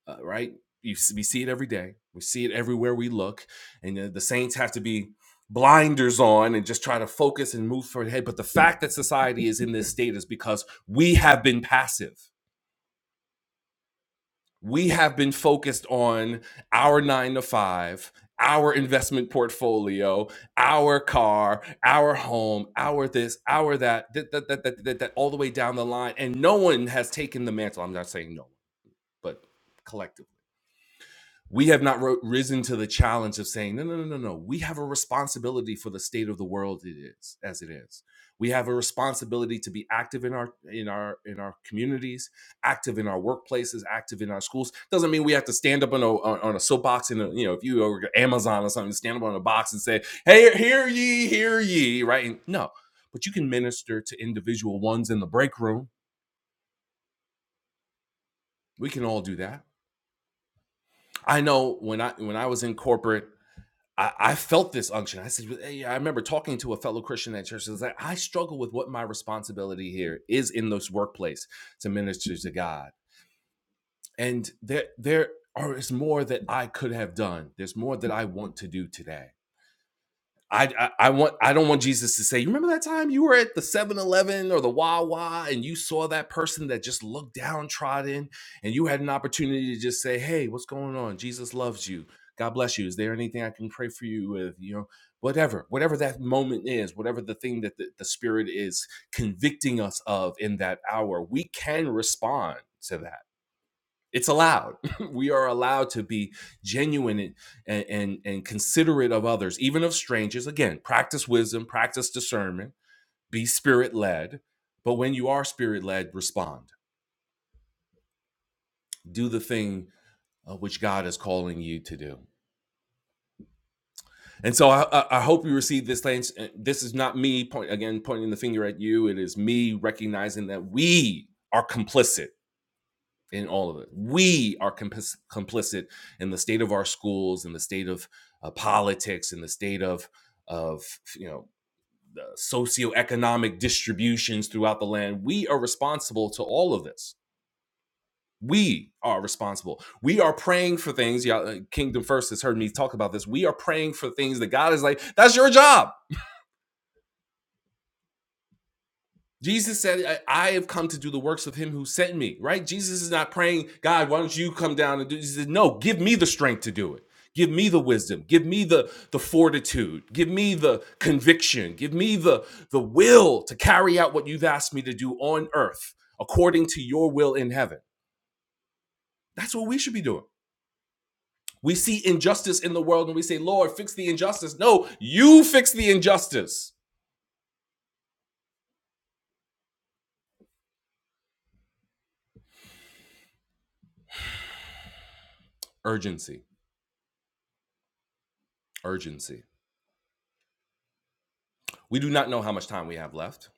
S1: uh, right? You, we see it every day. We see it everywhere we look, and uh, the Saints have to be blinders on and just try to focus and move forward ahead. But the fact that society is in this state is because we have been passive. We have been focused on our nine to five, our investment portfolio, our car, our home, our this, our that, that, that, that, that, that, that all the way down the line. And no one has taken the mantle. I'm not saying no one, but collectively we have not ro- risen to the challenge of saying no no no no no we have a responsibility for the state of the world it is as it is we have a responsibility to be active in our in our in our communities active in our workplaces active in our schools doesn't mean we have to stand up on a on a soapbox and uh, you know if you were amazon or something stand up on a box and say hey hear ye hear ye right And no but you can minister to individual ones in the break room we can all do that i know when i when i was in corporate I, I felt this unction. I said, hey, I remember talking to a fellow Christian at church. I like, I struggle with what my responsibility here is in this workplace to minister to God. And there, there is more that I could have done. There's more that I want to do today. I, I I want I don't want Jesus to say, you remember that time you were at the Seven Eleven or the Wawa and you saw that person that just looked downtrodden and you had an opportunity to just say, Hey, what's going on? Jesus loves you. God bless you. Is there anything I can pray for you with? You know, whatever, whatever that moment is, whatever the thing that the, the Spirit is convicting us of in that hour, we can respond to that it's allowed. we are allowed to be genuine and, and, and, considerate of others, even of strangers. Again, practice wisdom, practice discernment, be spirit led. But when you are spirit led, respond. Do the thing uh, which God is calling you to do. And so I, I hope you receive this. Lance. Uh, This is not me point, again pointing the finger at you. It is me recognizing that we are complicit in all of it. We are compis- complicit in the state of our schools, in the state of uh, politics, in the state of of you know uh, socioeconomic distributions throughout the land. We are responsible to all of this. We are responsible. We are praying for things. Y'all, uh, Kingdom First has heard me talk about this. We are praying for things that God is like, that's your job. Jesus said, I, have come to do the works of him who sent me, right? Jesus is not praying, God, why don't you come down and do this? He said, No, give me the strength to do it. Give me the wisdom. Give me the, the fortitude. Give me the conviction. Give me the, the will to carry out what you've asked me to do on earth according to your will in heaven. That's what we should be doing. We see injustice in the world and we say, Lord, fix the injustice. No, you fix the injustice. Urgency, urgency. We do not know how much time we have left.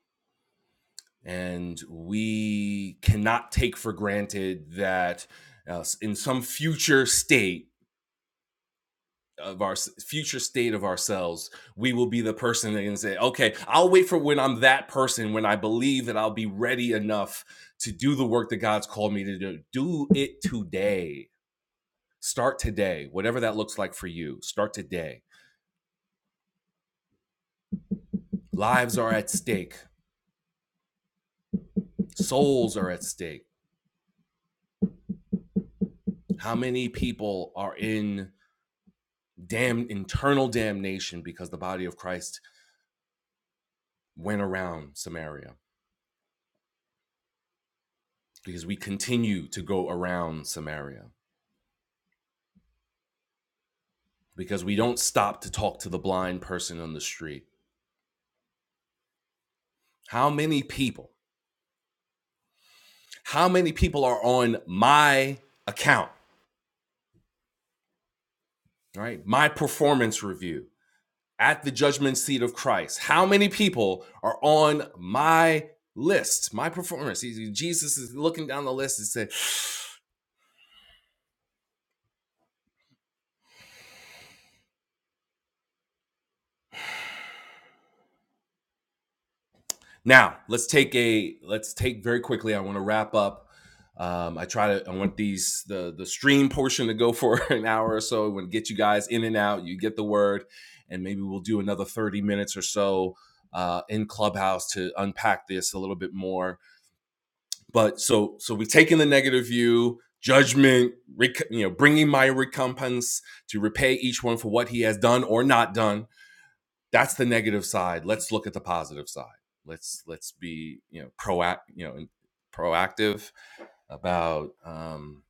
S1: And we cannot take for granted that uh, in some future state, of our future state of ourselves, we will be the person that can say, okay, I'll wait for when I'm that person, when I believe that I'll be ready enough to do the work that God's called me to do. Do it today. Start today, whatever that looks like for you. Start today. Lives are at stake, souls are at stake. How many people are in damn internal damnation because the body of Christ went around Samaria because we continue to go around Samaria because we don't stop to talk to the blind person on the street. How many people? How many people are on my account, right? My performance review at the judgment seat of Christ. How many people are on my list, my performance? Jesus is looking down the list and said, Now let's take a let's take very quickly. I want to wrap up. Um, I try to I want these the the stream portion to go for an hour or so. I want to get you guys in and out. You get the word, and maybe we'll do another thirty minutes or so uh, in Clubhouse to unpack this a little bit more. But so so we've taken the negative view, judgment, rec- you know, bringing my recompense to repay each one for what he has done or not done that's the negative side let's look at the positive side let's let's be you know proact you know proactive about um,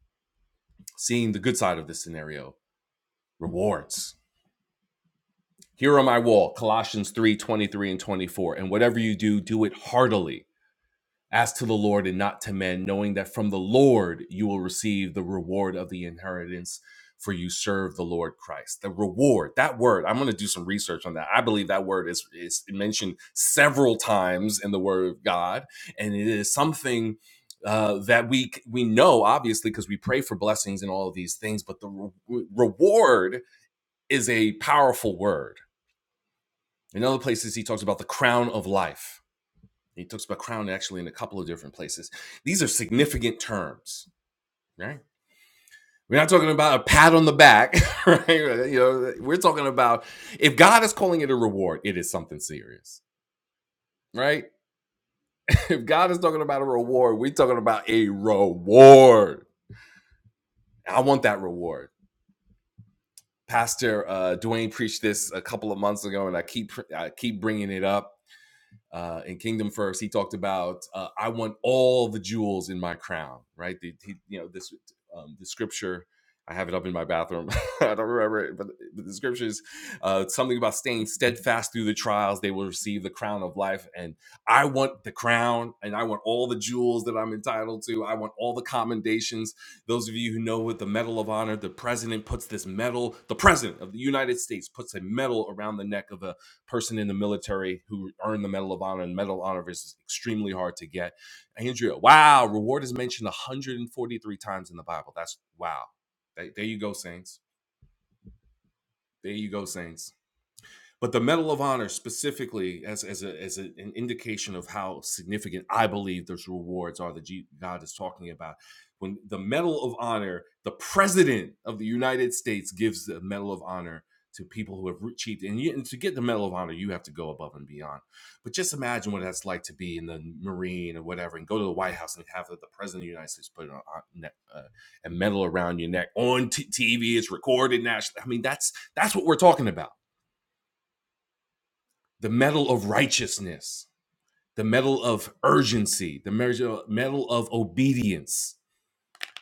S1: seeing the good side of this scenario rewards here on my wall colossians 3 23 and 24 and whatever you do do it heartily as to the Lord and not to men, knowing that from the Lord you will receive the reward of the inheritance, for you serve the Lord Christ. The reward, that word, I'm going to do some research on that. I believe that word is, is mentioned several times in the Word of God, and it is something. Uh, that we we know obviously because we pray for blessings and all of these things, but the re- reward is a powerful word. In other places, he talks about the crown of life he talks about crown actually in a couple of different places. These are significant terms, right? We're not talking about a pat on the back, right? You know, we're talking about if God is calling it a reward, it is something serious, right? If God is talking about a reward, we're talking about a reward. I want that reward. Pastor uh, Dwayne preached this a couple of months ago, and I keep I keep bringing it up uh, in Kingdom First, he talked about uh, I want all the jewels in my crown, right? The, he, you know this um, the scripture. I have it up in my bathroom. I don't remember it, but, the scriptures uh, something about staying steadfast through the trials. They will receive the crown of life, and I want the crown, and I want all the jewels that I'm entitled to. I want all the commendations. Those of you who know with the Medal of Honor, the president puts this medal. The president of the United States puts a medal around the neck of a person in the military who earned the Medal of Honor, and Medal of Honor is extremely hard to get. Andrea, wow, reward is mentioned 143 times in the Bible. That's wow. There, there you go, Saints. There you go, Saints. But the Medal of Honor specifically, as as a, as a, an indication of how significant I believe those rewards are that God is talking about. When the Medal of Honor, the President of the United States gives the Medal of Honor to people who have achieved, and, you, and to get the Medal of Honor, you have to go above and beyond. But just imagine what that's like to be in the Marine or whatever, and go to the White House and have the, the President of the United States put on, on, uh, a medal around your neck on t- TV. It's recorded nationally. I mean, that's that's what we're talking about the medal of righteousness, the medal of urgency, the medal of obedience,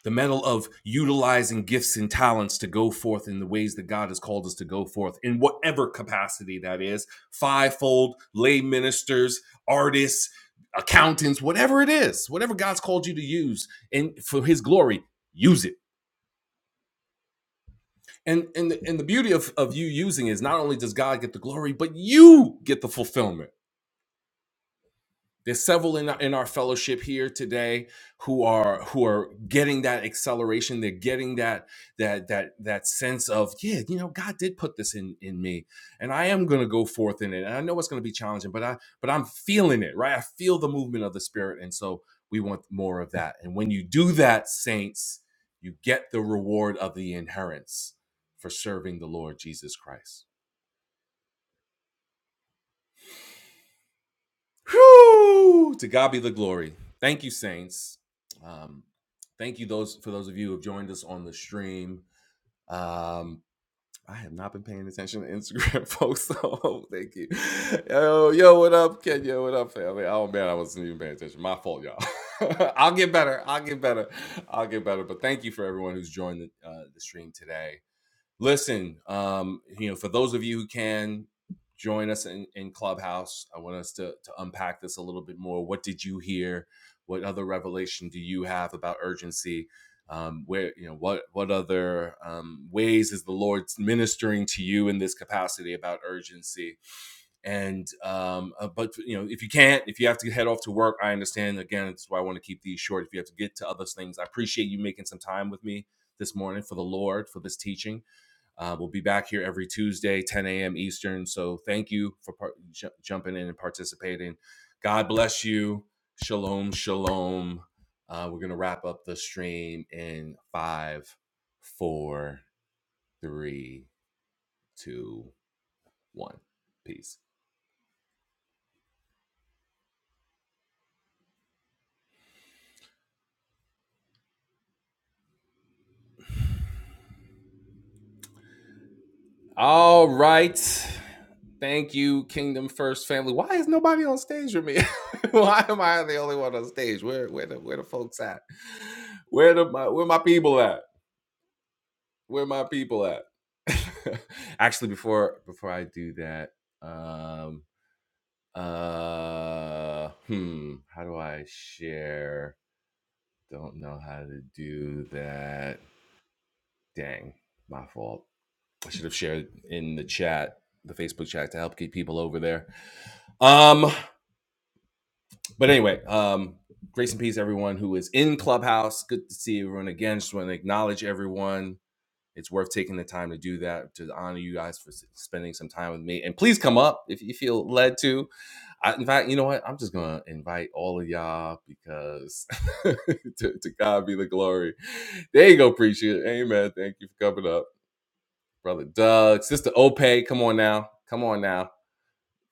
S1: the medal of utilizing gifts and talents to go forth in the ways that God has called us to go forth in whatever capacity that is fivefold, lay ministers, artists, accountants, whatever it is, whatever God's called you to use and for his glory, use it. And, and, the, and the beauty of, of you using it is not only does God get the glory, but you get the fulfillment There's several in our, in our fellowship here today who are who are getting that acceleration. They're getting that that that that sense of yeah, you know, God did put this in in me, and I am going to go forth in it. And I know it's going to be challenging, but I but I'm feeling it, right? I feel the movement of the Spirit, and so we want more of that. And when you do that, saints, you get the reward of the inheritance for serving the Lord Jesus Christ. Whew! To God be the glory. Thank you, saints. Um, thank you those for those of you who have joined us on the stream. Um, I have not been paying attention to Instagram, folks. So thank you. Yo, yo, what up, Kenya? What up, family? Oh man, I wasn't even paying attention. My fault, y'all. I'll get better. I'll get better. I'll get better. But thank you for everyone who's joined the, uh, the stream today. Listen, um, you know, for those of you who can join us in, in Clubhouse, I want us to, to unpack this a little bit more. What did you hear? What other revelation do you have about urgency? Um, where you know what what other um, ways is the Lord ministering to you in this capacity about urgency? And um, uh, but you know if you can't, if you have to head off to work, I understand. Again, that's why I want to keep these short. If you have to get to other things, I appreciate you making some time with me this morning for the Lord for this teaching. Uh, we'll be back here every Tuesday, 10 a.m. Eastern. So thank you for par- ju- jumping in and participating. God bless you. Shalom, shalom. Uh, we're going to wrap up the stream in five, four, three, two, one. Peace. All right. Thank you, Kingdom First family. Why is nobody on stage with me? Why am I the only one on stage? Where where the where the folks at? Where the my where my people at? Where my people at? Actually, before before I do that, um, uh, hmm, how do I share? Don't know how to do that. Dang, my fault. I should have shared in the chat, the Facebook chat, to help keep people over there. Um, but anyway, um, grace and peace, everyone who is in Clubhouse. Good to see everyone again. Just want to acknowledge everyone It's worth taking the time to do that to honor you guys for spending some time with me. And please come up if you feel led to. I, in fact, you know what? I'm just gonna invite all of y'all because to, to God be the glory. There you go, preacher. Amen. Thank you for coming up, brother Doug, sister Ope. Come on now. Come on now.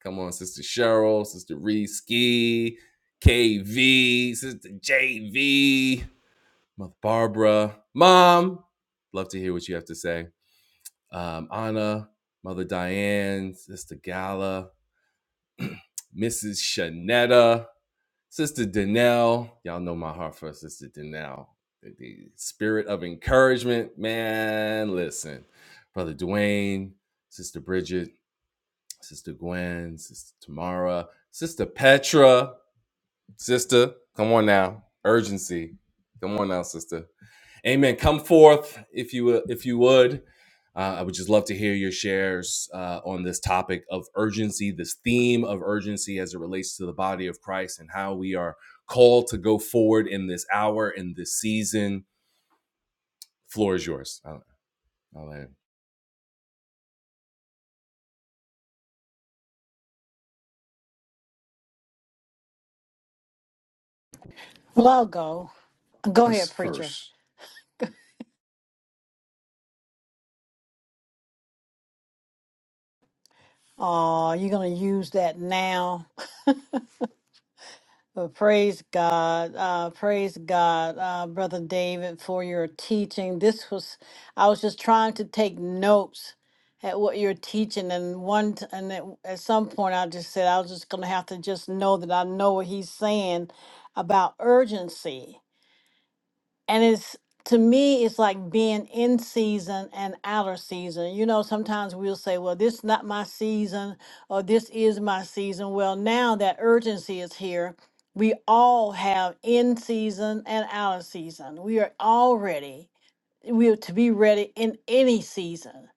S1: Come on, sister Cheryl, sister Reese Ski, KV, sister JV, mother Barbara, mom. Love to hear what you have to say um, Anna, Mother Diane, Sister Gala, Mrs. Shanetta, Sister Danelle. Y'all know my heart for Sister Danelle. The, the spirit of encouragement, man. Listen, Brother Dwayne, Sister Bridget, Sister Gwen, Sister Tamara, Sister Petra, Sister. Come on now, urgency. Come on now, Sister. Amen. Come forth if you if you would. Uh, I would just love to hear your shares uh, on this topic of urgency, this theme of urgency as it relates to the body of Christ and how we are called to go forward in this hour, in this season. Floor is yours. I'll- I'll
S2: Well, I'll go. Go
S3: us
S2: ahead, preacher.
S3: first.
S2: Uh, you're going to use that now. But praise God. Uh, praise God, uh, Brother David, for your teaching. This was, I was just trying to take notes at what you're teaching. And one, t- and at, at some point, I just said, I was just going to have to just know that I know what he's saying about urgency and it's to me it's like being in season and outer season you know sometimes we'll say well this is not my season or this is my season well now that urgency is here we all have in season and outer season we are all ready we are to be ready in any season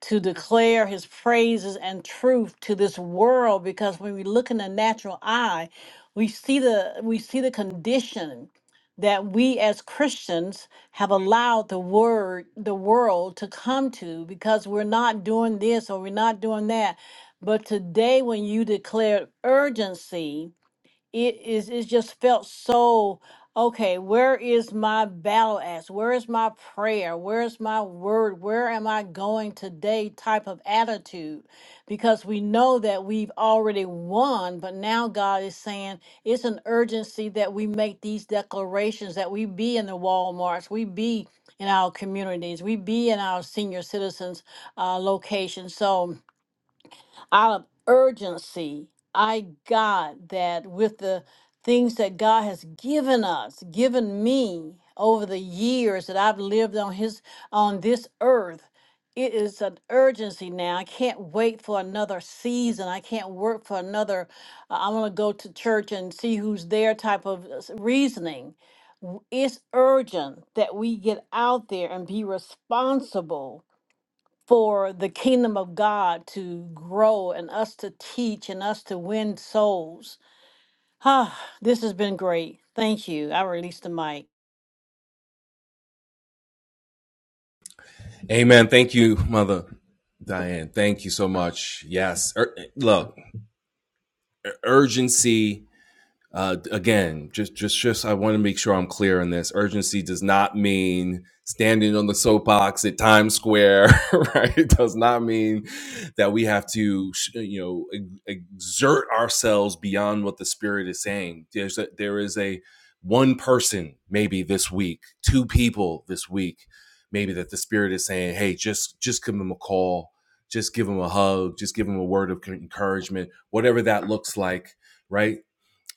S2: to declare his praises and truth to this world because when we look in the natural eye we see the we see the condition that we as christians have allowed the word the world to come to because we're not doing this or we're not doing that but today when you declare urgency it is it just felt so okay where is my battle axe where is my prayer where is my word where am i going today type of attitude because we know that we've already won but now god is saying it's an urgency that we make these declarations that we be in the walmarts we be in our communities we be in our senior citizens uh, locations so out of urgency. I got that with the things that God has given us, given me over the years that I've lived on his on this earth. It is an urgency now. I can't wait for another season. I can't work for another. uh, I want to go to church and see who's there type of uh, s- reasoning. W- It's urgent that we get out there and be responsible for the kingdom of God to grow and us to teach and us to win souls. Ah, this has been great. Thank you. I release the mic.
S1: Amen. Thank you, Mother Diane. Thank you so much. Yes. Ur- look, urgency Uh, again, just just just I want to make sure I'm clear on this. Urgency does not mean standing on the soapbox at Times Square, right? It does not mean that we have to, you know, ex- exert ourselves beyond what the spirit is saying. There's a, there is a one person maybe this week, two people this week, maybe that the spirit is saying, "Hey, just just give them a call, just give them a hug, just give them a word of encouragement, whatever that looks like." right?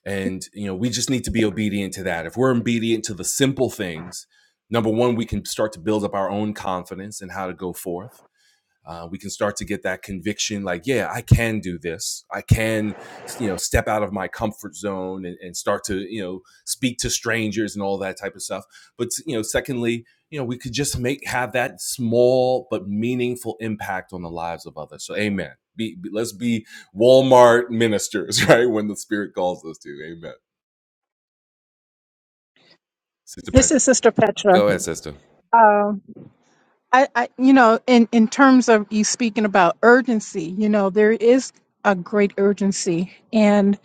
S1: And you know, we just need to be obedient to that. If we're obedient to the simple things, number one, we can start to build up our own confidence in how to go forth uh, we can start to get that conviction like yeah i can do this i can you know step out of my comfort zone and, and start to you know speak to strangers and all that type of stuff but you know secondly you know we could just make have that small but meaningful impact on the lives of others so amen be, be- let's be walmart ministers right when the spirit calls us to amen sister
S4: This
S1: Pat,
S4: is Sister Petra.
S1: go ahead sister
S4: Um, I, I, you know, in in terms of you speaking about urgency, you know, there is a great urgency, and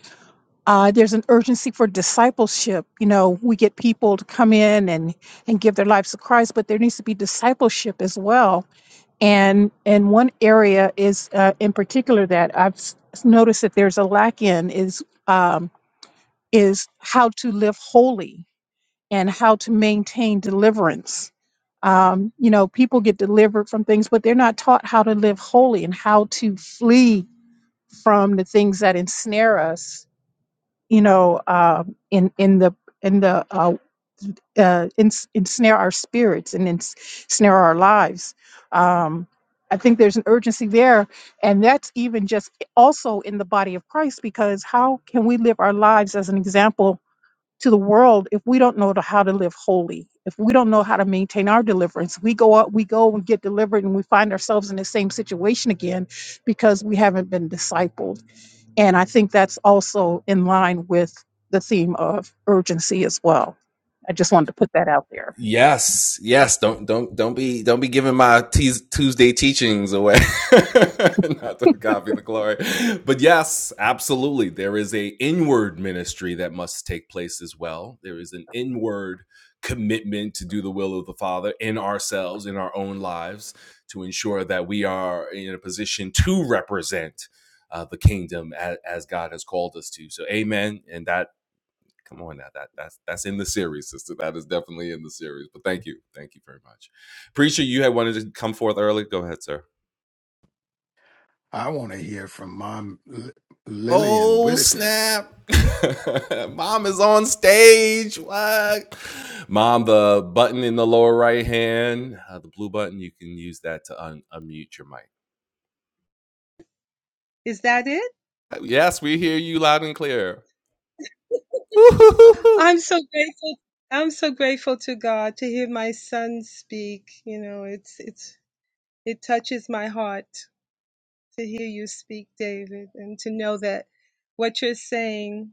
S4: uh, there's an urgency for discipleship. You know, we get people to come in and and give their lives to Christ, but there needs to be discipleship as well. And and one area is uh, in particular that I've s- noticed that there's a lack in is um, is how to live holy and how to maintain deliverance. Um, you know, people get delivered from things, but they're not taught how to live holy and how to flee from the things that ensnare us. You know, um, in in the in the uh, uh, ens- ensnare our spirits and ens- ensnare our lives. Um, I think there's an urgency there, and that's even just also in the body of Christ because how can we live our lives as an example to the world if we don't know to- how to live holy if we don't know how to maintain our deliverance we go out we go and get delivered and we find ourselves in the same situation again because we haven't been discipled and i think that's also in line with the theme of urgency as well i just wanted to put that out there
S1: Yes, yes. Don't don't don't be don't be giving my teas Tuesday teachings away. Not to copy the glory, but yes, absolutely. There is a inward ministry that must take place as well. There is an inward commitment to do the will of the Father in ourselves, in our own lives, to ensure that we are in a position to represent uh, the kingdom as, as God has called us to. So, Amen. And that come on now that that's that's in the series sister that is definitely in the series but thank you thank you very much preacher you had wanted to come forth early go ahead sir
S3: I want to hear from Mom L- Lillian
S1: oh
S3: Whitaker.
S1: snap mom is on stage what mom the button in the lower right hand uh, the blue button you can use that to un- unmute your mic
S5: Is that it?
S1: yes we hear you loud and clear Woo-hoo-hoo.
S5: I'm so grateful. I'm so grateful to God to hear my son speak. You know, it's it's it touches my heart to hear you speak, David, and to know that what you're saying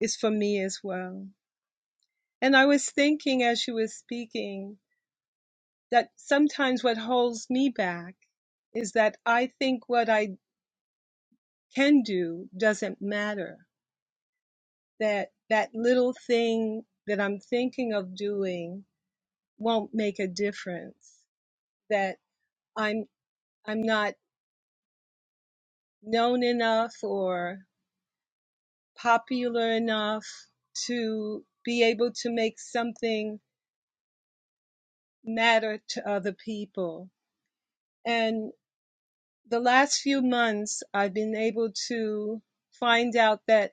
S5: is for me as well. And I was thinking as you were speaking that sometimes what holds me back is that I think what I can do doesn't matter. That that little thing that I'm thinking of doing won't make a difference that i'm i'm not known enough or popular enough to be able to make something matter to other people and the last few months i've been able to find out that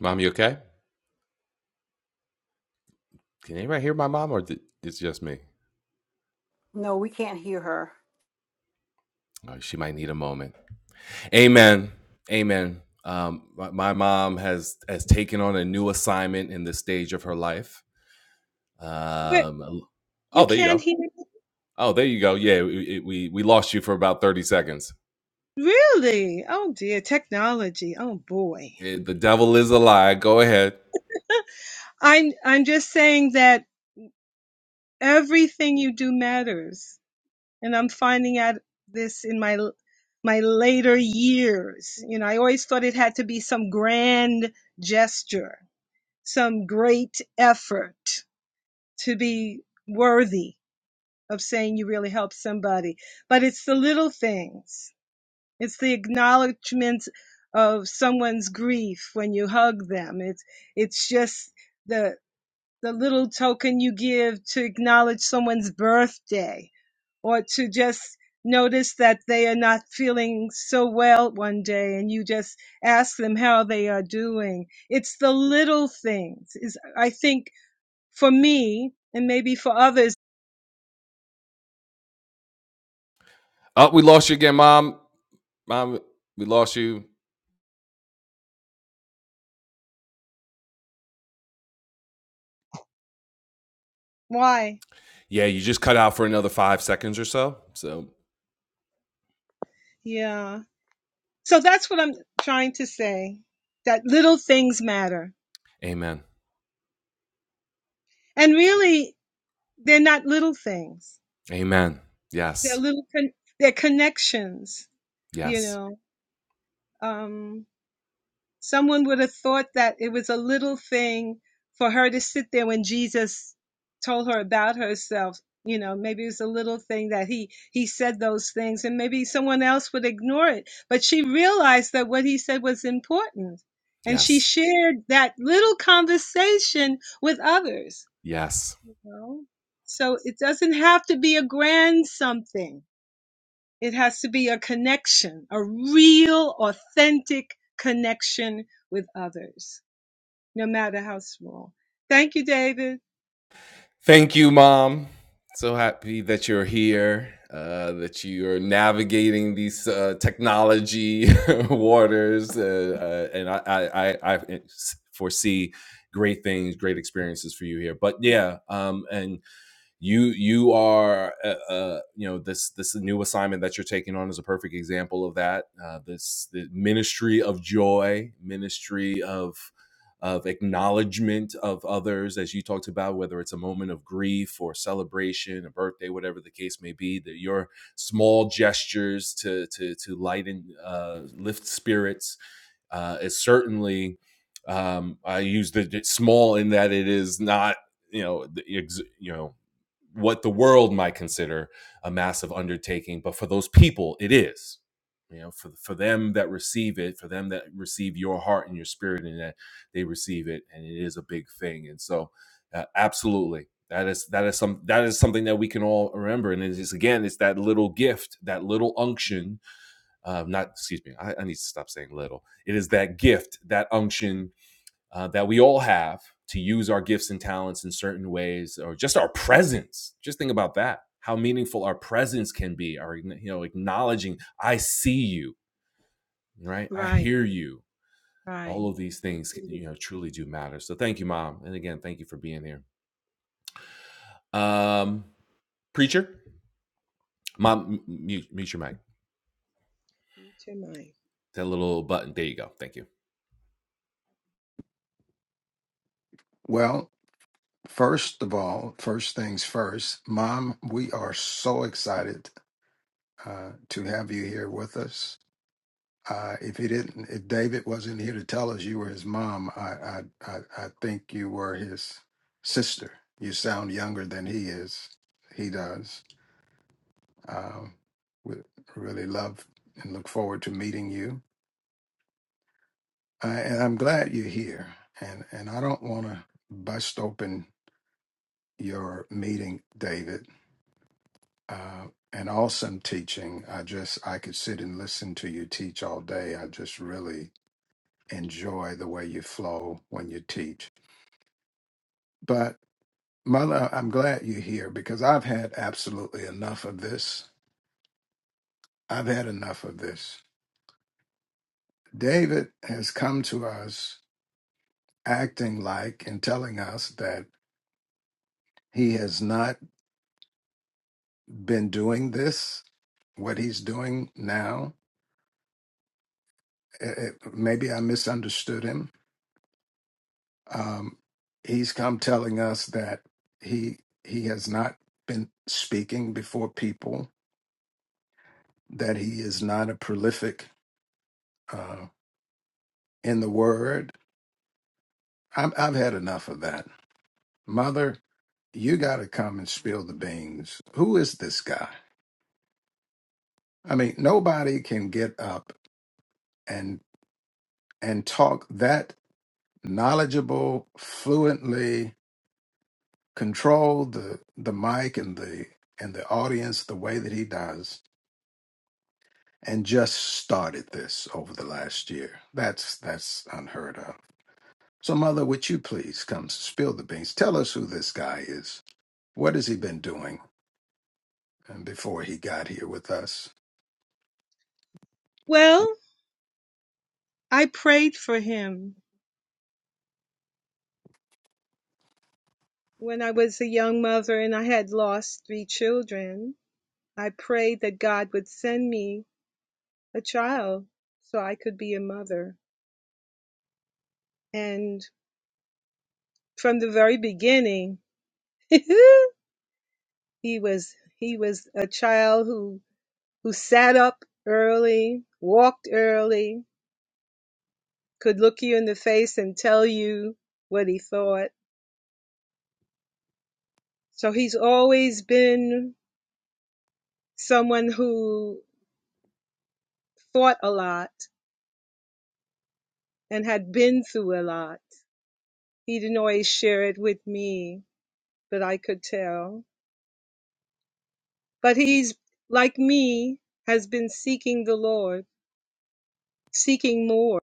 S1: Mom, you okay? Can anybody hear my mom, or th- it's just me?
S2: No, we can't hear her.
S1: Oh, she might need a moment. Amen. Amen. Um, my, my mom has has taken on a new assignment in this stage of her life.
S5: what
S1: Um,
S5: you
S1: oh, there you
S5: can't
S1: go.
S5: hear me?
S1: Oh, there you go. Yeah, we we, we lost you for about thirty seconds.
S5: really oh dear technology oh boy
S1: Eh, the devil is a lie. Go ahead.
S5: i'm i'm just saying that everything you do matters and I'm finding out this in my my later years. You know, I always thought it had to be some grand gesture, some great effort to be worthy of saying you really helped somebody. But it's the little things. It's the acknowledgement of someone's grief when you hug them. It's it's just the the little token you give to acknowledge someone's birthday or to just notice that they are not feeling so well one day and you just ask them how they are doing it's the little things is i think for me and maybe for others
S1: Oh, we lost you again, mom. Mom, we lost you.
S5: why
S1: Yeah, you just cut out for another five seconds or so. So,
S5: yeah so that's what i'm trying to say that little things matter
S1: amen.
S5: and really they're not little things
S1: Amen.
S5: they're
S1: Yes.
S5: little con- they're connections you
S1: Yes.
S5: know um Someone would have thought that it was a little thing for her to sit there when Jesus told her about herself. You know, maybe it was a little thing that he he said those things, and maybe someone else would ignore it. But she realized that what he said was important, and she
S1: Yes.
S5: shared that little conversation with others.
S1: Yes.
S5: You know, so it doesn't have to be a grand something it has to be a connection, a real, authentic connection with others, no matter how small. Thank you, David.
S1: Thank you, Mom. So happy that you're here, uh, that you're navigating these uh, technology waters. Uh, uh, and I, I, I, I foresee great things, great experiences for you here. But yeah, um, and you you are uh, uh, you know this this new assignment that you're taking on is a perfect example of that uh, this the ministry of joy ministry of of acknowledgement of others as you talked about whether it's a moment of grief or celebration a birthday whatever the case may be that your small gestures to to to lighten uh, lift spirits uh, is certainly um, I use the small in that it is not you know the you know what the world might consider a massive undertaking, but for those people it is. You know, for for them that receive it, for them that receive your heart and your spirit, and that they receive it, and it is a big thing. And so, uh, absolutely, that is that is some that is something that we can all remember. And it is again, it's that little gift, that little unction uh, not excuse me I, I need to stop saying little it is that gift that unction uh, that we all have to use our gifts and talents in certain ways or just our presence just think about that how meaningful our presence can be our you know acknowledging i see you right i
S5: Right,
S1: hear you
S5: right.
S1: all of these
S5: I
S1: things
S5: agree with
S1: you know truly do matter so thank you mom and again thank you for being here um preacher mom mute, mute your mic
S5: you, Jemai.
S1: that little button there you go thank you
S3: Well, first of all, first things first, Mom, we are so excited uh, to have you here with us. Uh, if he didn't, if David wasn't here to tell us you were his mom, I, I, I, I think you were his sister. You sound younger than he is. He does. Um, we really love and look forward to meeting you. I, and I'm glad you're here. And and I don't want to bust open your meeting, David. Uh, and awesome teaching. I just I could sit and listen to you teach all day. I just really enjoy the way you flow when you teach. But mother, I'm glad you're here because I've had absolutely enough of this. I've had enough of this. David has come to us acting like and telling us that he has not been doing this what he's doing now. It, it- maybe I misunderstood him. Um, he's come telling us that he he has not been speaking before people. That he is not a prolific uh, in the word. I'm, I've had enough of that, Mother. You got to come and spill the beans. Who is this guy? I mean, nobody can get up and and talk that knowledgeable, fluently control the the mic and the and the audience the way that he does and just started this over the last year that's that's unheard of so mother would you please come spill the beans tell us who this guy is what has he been doing um, before he got here with us
S5: Well, I prayed for him when I was a young mother and I had lost three children. I prayed that God would send me a child so I could be a mother. And from the very beginning, he was he was a child who who sat up early, walked early, could look you in the face and tell you what he thought. So he's always been someone who thought a lot and had been through a lot. He didn't always share it with me, but I could tell. But he's like me, has been seeking the Lord, seeking more.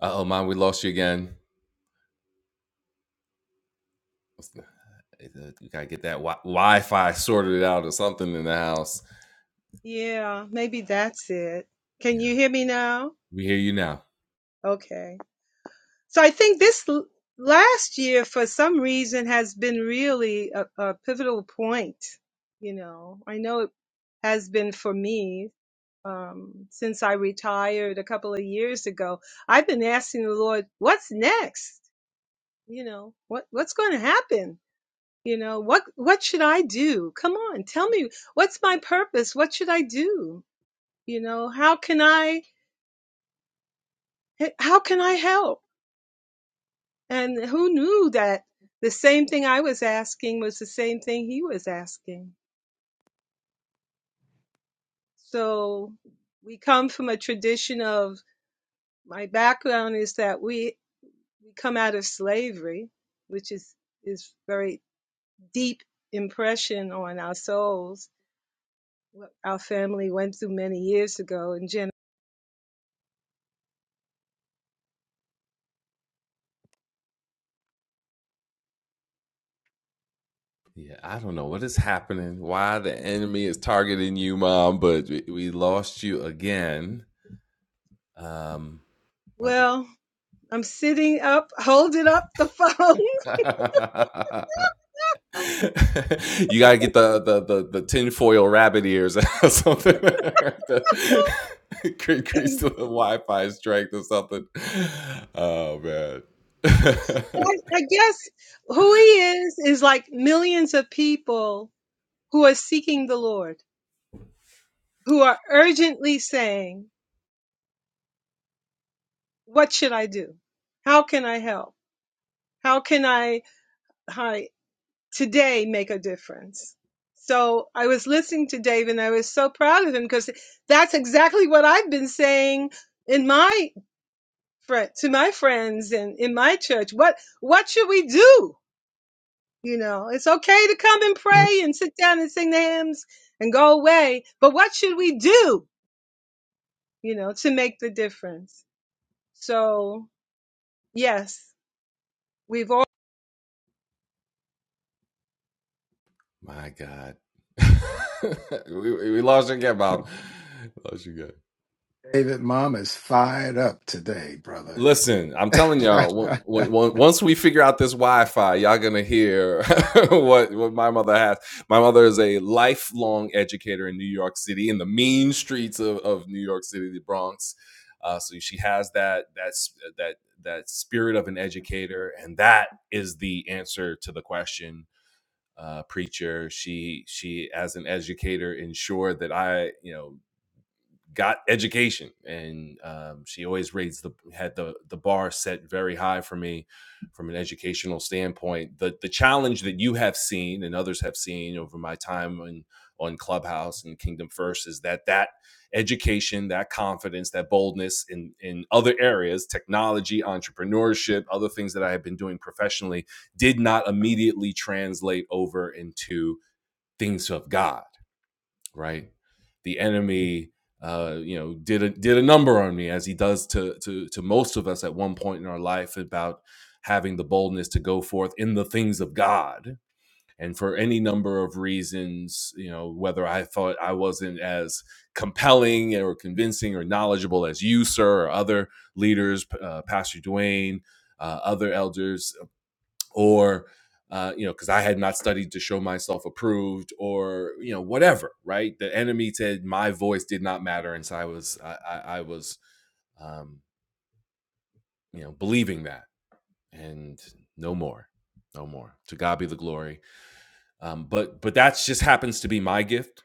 S1: uh-oh mom we lost you again what's uh, you gotta get that wi- Wi-Fi sorted out or something in the house.
S5: Yeah, maybe that's it. Can
S1: Yeah,
S5: you hear me now?
S1: we hear you now.
S5: Okay. So I think this l- last year, for some reason, has been really a, a pivotal point. You know, I know it has been for me um, since I retired a couple of years ago. I've been asking the Lord, "What's next? You know, what what's going to happen?" You know, what what should I do? Come on, tell me what's my purpose? What should I do? You know, how can I how can I help? And who knew that the same thing I was asking was the same thing he was asking? So we come from a tradition of my background is that we we come out of slavery, which is is very deep impression on our souls. What our family went through many years ago And Jen,
S1: Yeah, I don't know what is happening. Why the enemy is targeting you, mom? But we, we lost you again. Um,
S5: Well, I'm sitting up, holding up the phone.
S1: you gotta get the the the, the tinfoil rabbit ears or something. right? The- Increase the Wi-Fi strength or something. Oh man.
S5: I, I guess who he is is like millions of people who are seeking the Lord, who are urgently saying, What should I do? How can I help? How can I, I today make a difference? So I was listening to Dave and I was so proud of him because that's exactly what I've been saying in my friend, to my friends and in my church. What what should we do? You know, it's okay to come and pray and sit down and sing the hymns and go away, but what should we do? You know, to make the difference. So, yes, we've
S1: My God. we, we lost again, Bob. Lost you again.
S3: david mom is fired up today brother
S1: Listen, I'm telling y'all, w- w- once we figure out this Wi-Fi, y'all gonna hear what what my mother has. My mother is a lifelong educator in New York City, in the mean streets of, of New York City, the Bronx. Uh, so she has that that that that spirit of an educator, and that is the answer to the question uh, preacher. She she as an educator ensured that I you know got education and um, she always raised the had the the bar set very high for me from an educational standpoint the the challenge that you have seen and others have seen over my time on on clubhouse and kingdom first is that that education that confidence that boldness in in other areas technology entrepreneurship other things that i have been doing professionally did not immediately translate over into things of god right? The enemy, uh, you know, did a, did a number on me as he does to, to to most of us at one point in our life about having the boldness to go forth in the things of God. And for any number of reasons, you know, whether I thought I wasn't as compelling or convincing or knowledgeable as you, sir, or other leaders, uh, Pastor Dwayne, uh, other elders, or uh, you know because i had not studied to show myself approved or you know whatever right the enemy said my voice did not matter and so i was i, I, I was um, you know believing that and no more no more to god be the glory um, but but that's just happens to be my gift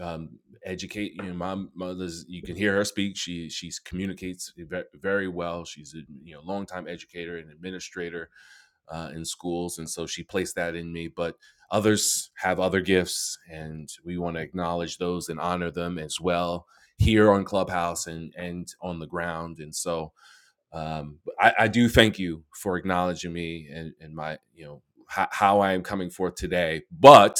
S1: um, educate you know my mother's you can hear her speak she she's communicates very well she's a you know longtime educator and administrator uh, in schools. And so she placed that in me. But others have other gifts, and we want to acknowledge those and honor them as well here on Clubhouse and, and on the ground. And so um, I, I do thank you for acknowledging me and, and my you know ho- how I am coming forth today. But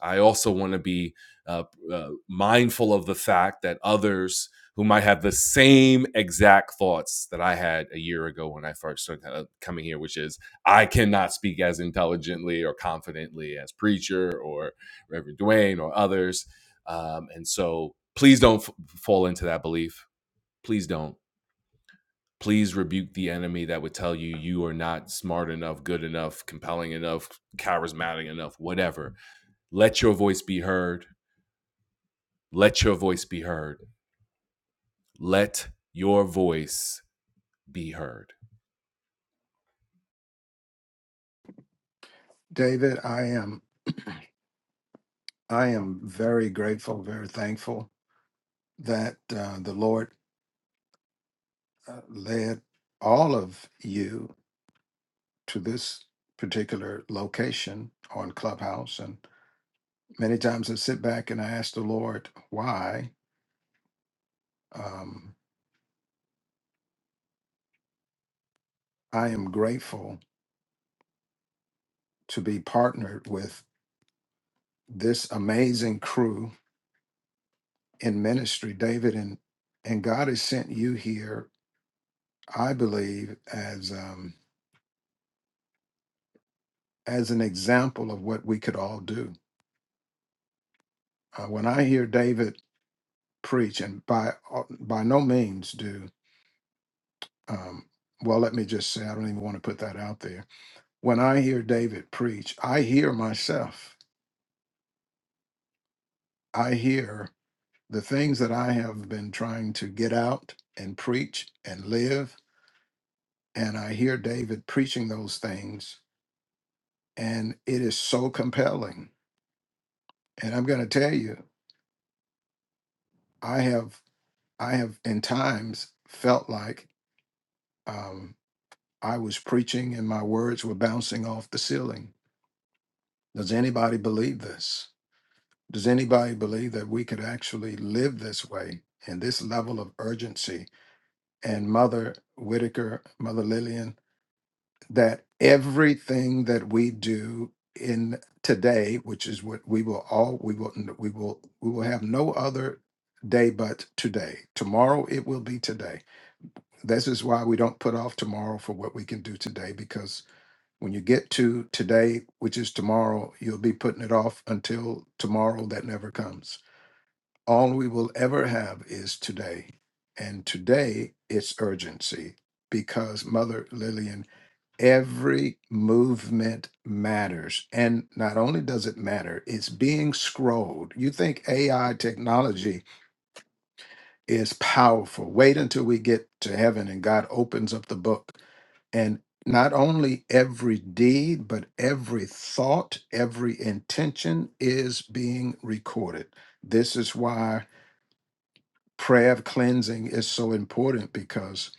S1: I also want to be uh, uh, mindful of the fact that others who might have the same exact thoughts that I had a year ago when I first started uh, coming here, which is I cannot speak as intelligently or confidently as preacher or Reverend Dwayne or others. Um, and so please don't f- fall into that belief. Please don't please rebuke the enemy that would tell you you are not smart enough, good enough, compelling enough, charismatic enough, whatever. Let your voice be heard. Let your voice be heard. Let your voice be heard.
S3: david i am i am very grateful very thankful that uh, the lord uh, led all of you to this particular location on Clubhouse. And many times I sit back and I ask the Lord why um, I am grateful to be partnered with this amazing crew in ministry, David. And, and God has sent you here, I believe, as, um, as an example of what we could all do. Uh, when I hear David preach, and by, uh, by no means do, um, well, let me just say, I don't even want to put that out there when I hear David preach, I hear myself. I hear the things that I have been trying to get out and preach and live. And I hear David preaching those things. And it is so compelling. And I'm going to tell you, I have, I have in times felt like um, I was preaching and my words were bouncing off the ceiling. Does anybody believe this? Does anybody believe that we could actually live this way in this level of urgency and Mother Whitaker, Mother Lillian, that everything that we do in today, which is what we will all we will we will we will have no other day but today. Tomorrow it will be today. This is why we don't put off tomorrow for what we can do today because when you get to today, which is tomorrow, you'll be putting it off until tomorrow that never comes all we will ever have is today. And today, it's urgency because, Mother Lillian, every movement matters. And not only does it matter, it's being scrolled. You think AI technology is powerful. Wait until we get to heaven and God opens up the book. And not only every deed, but every thought, every intention is being recorded. This is why prayer of cleansing is so important because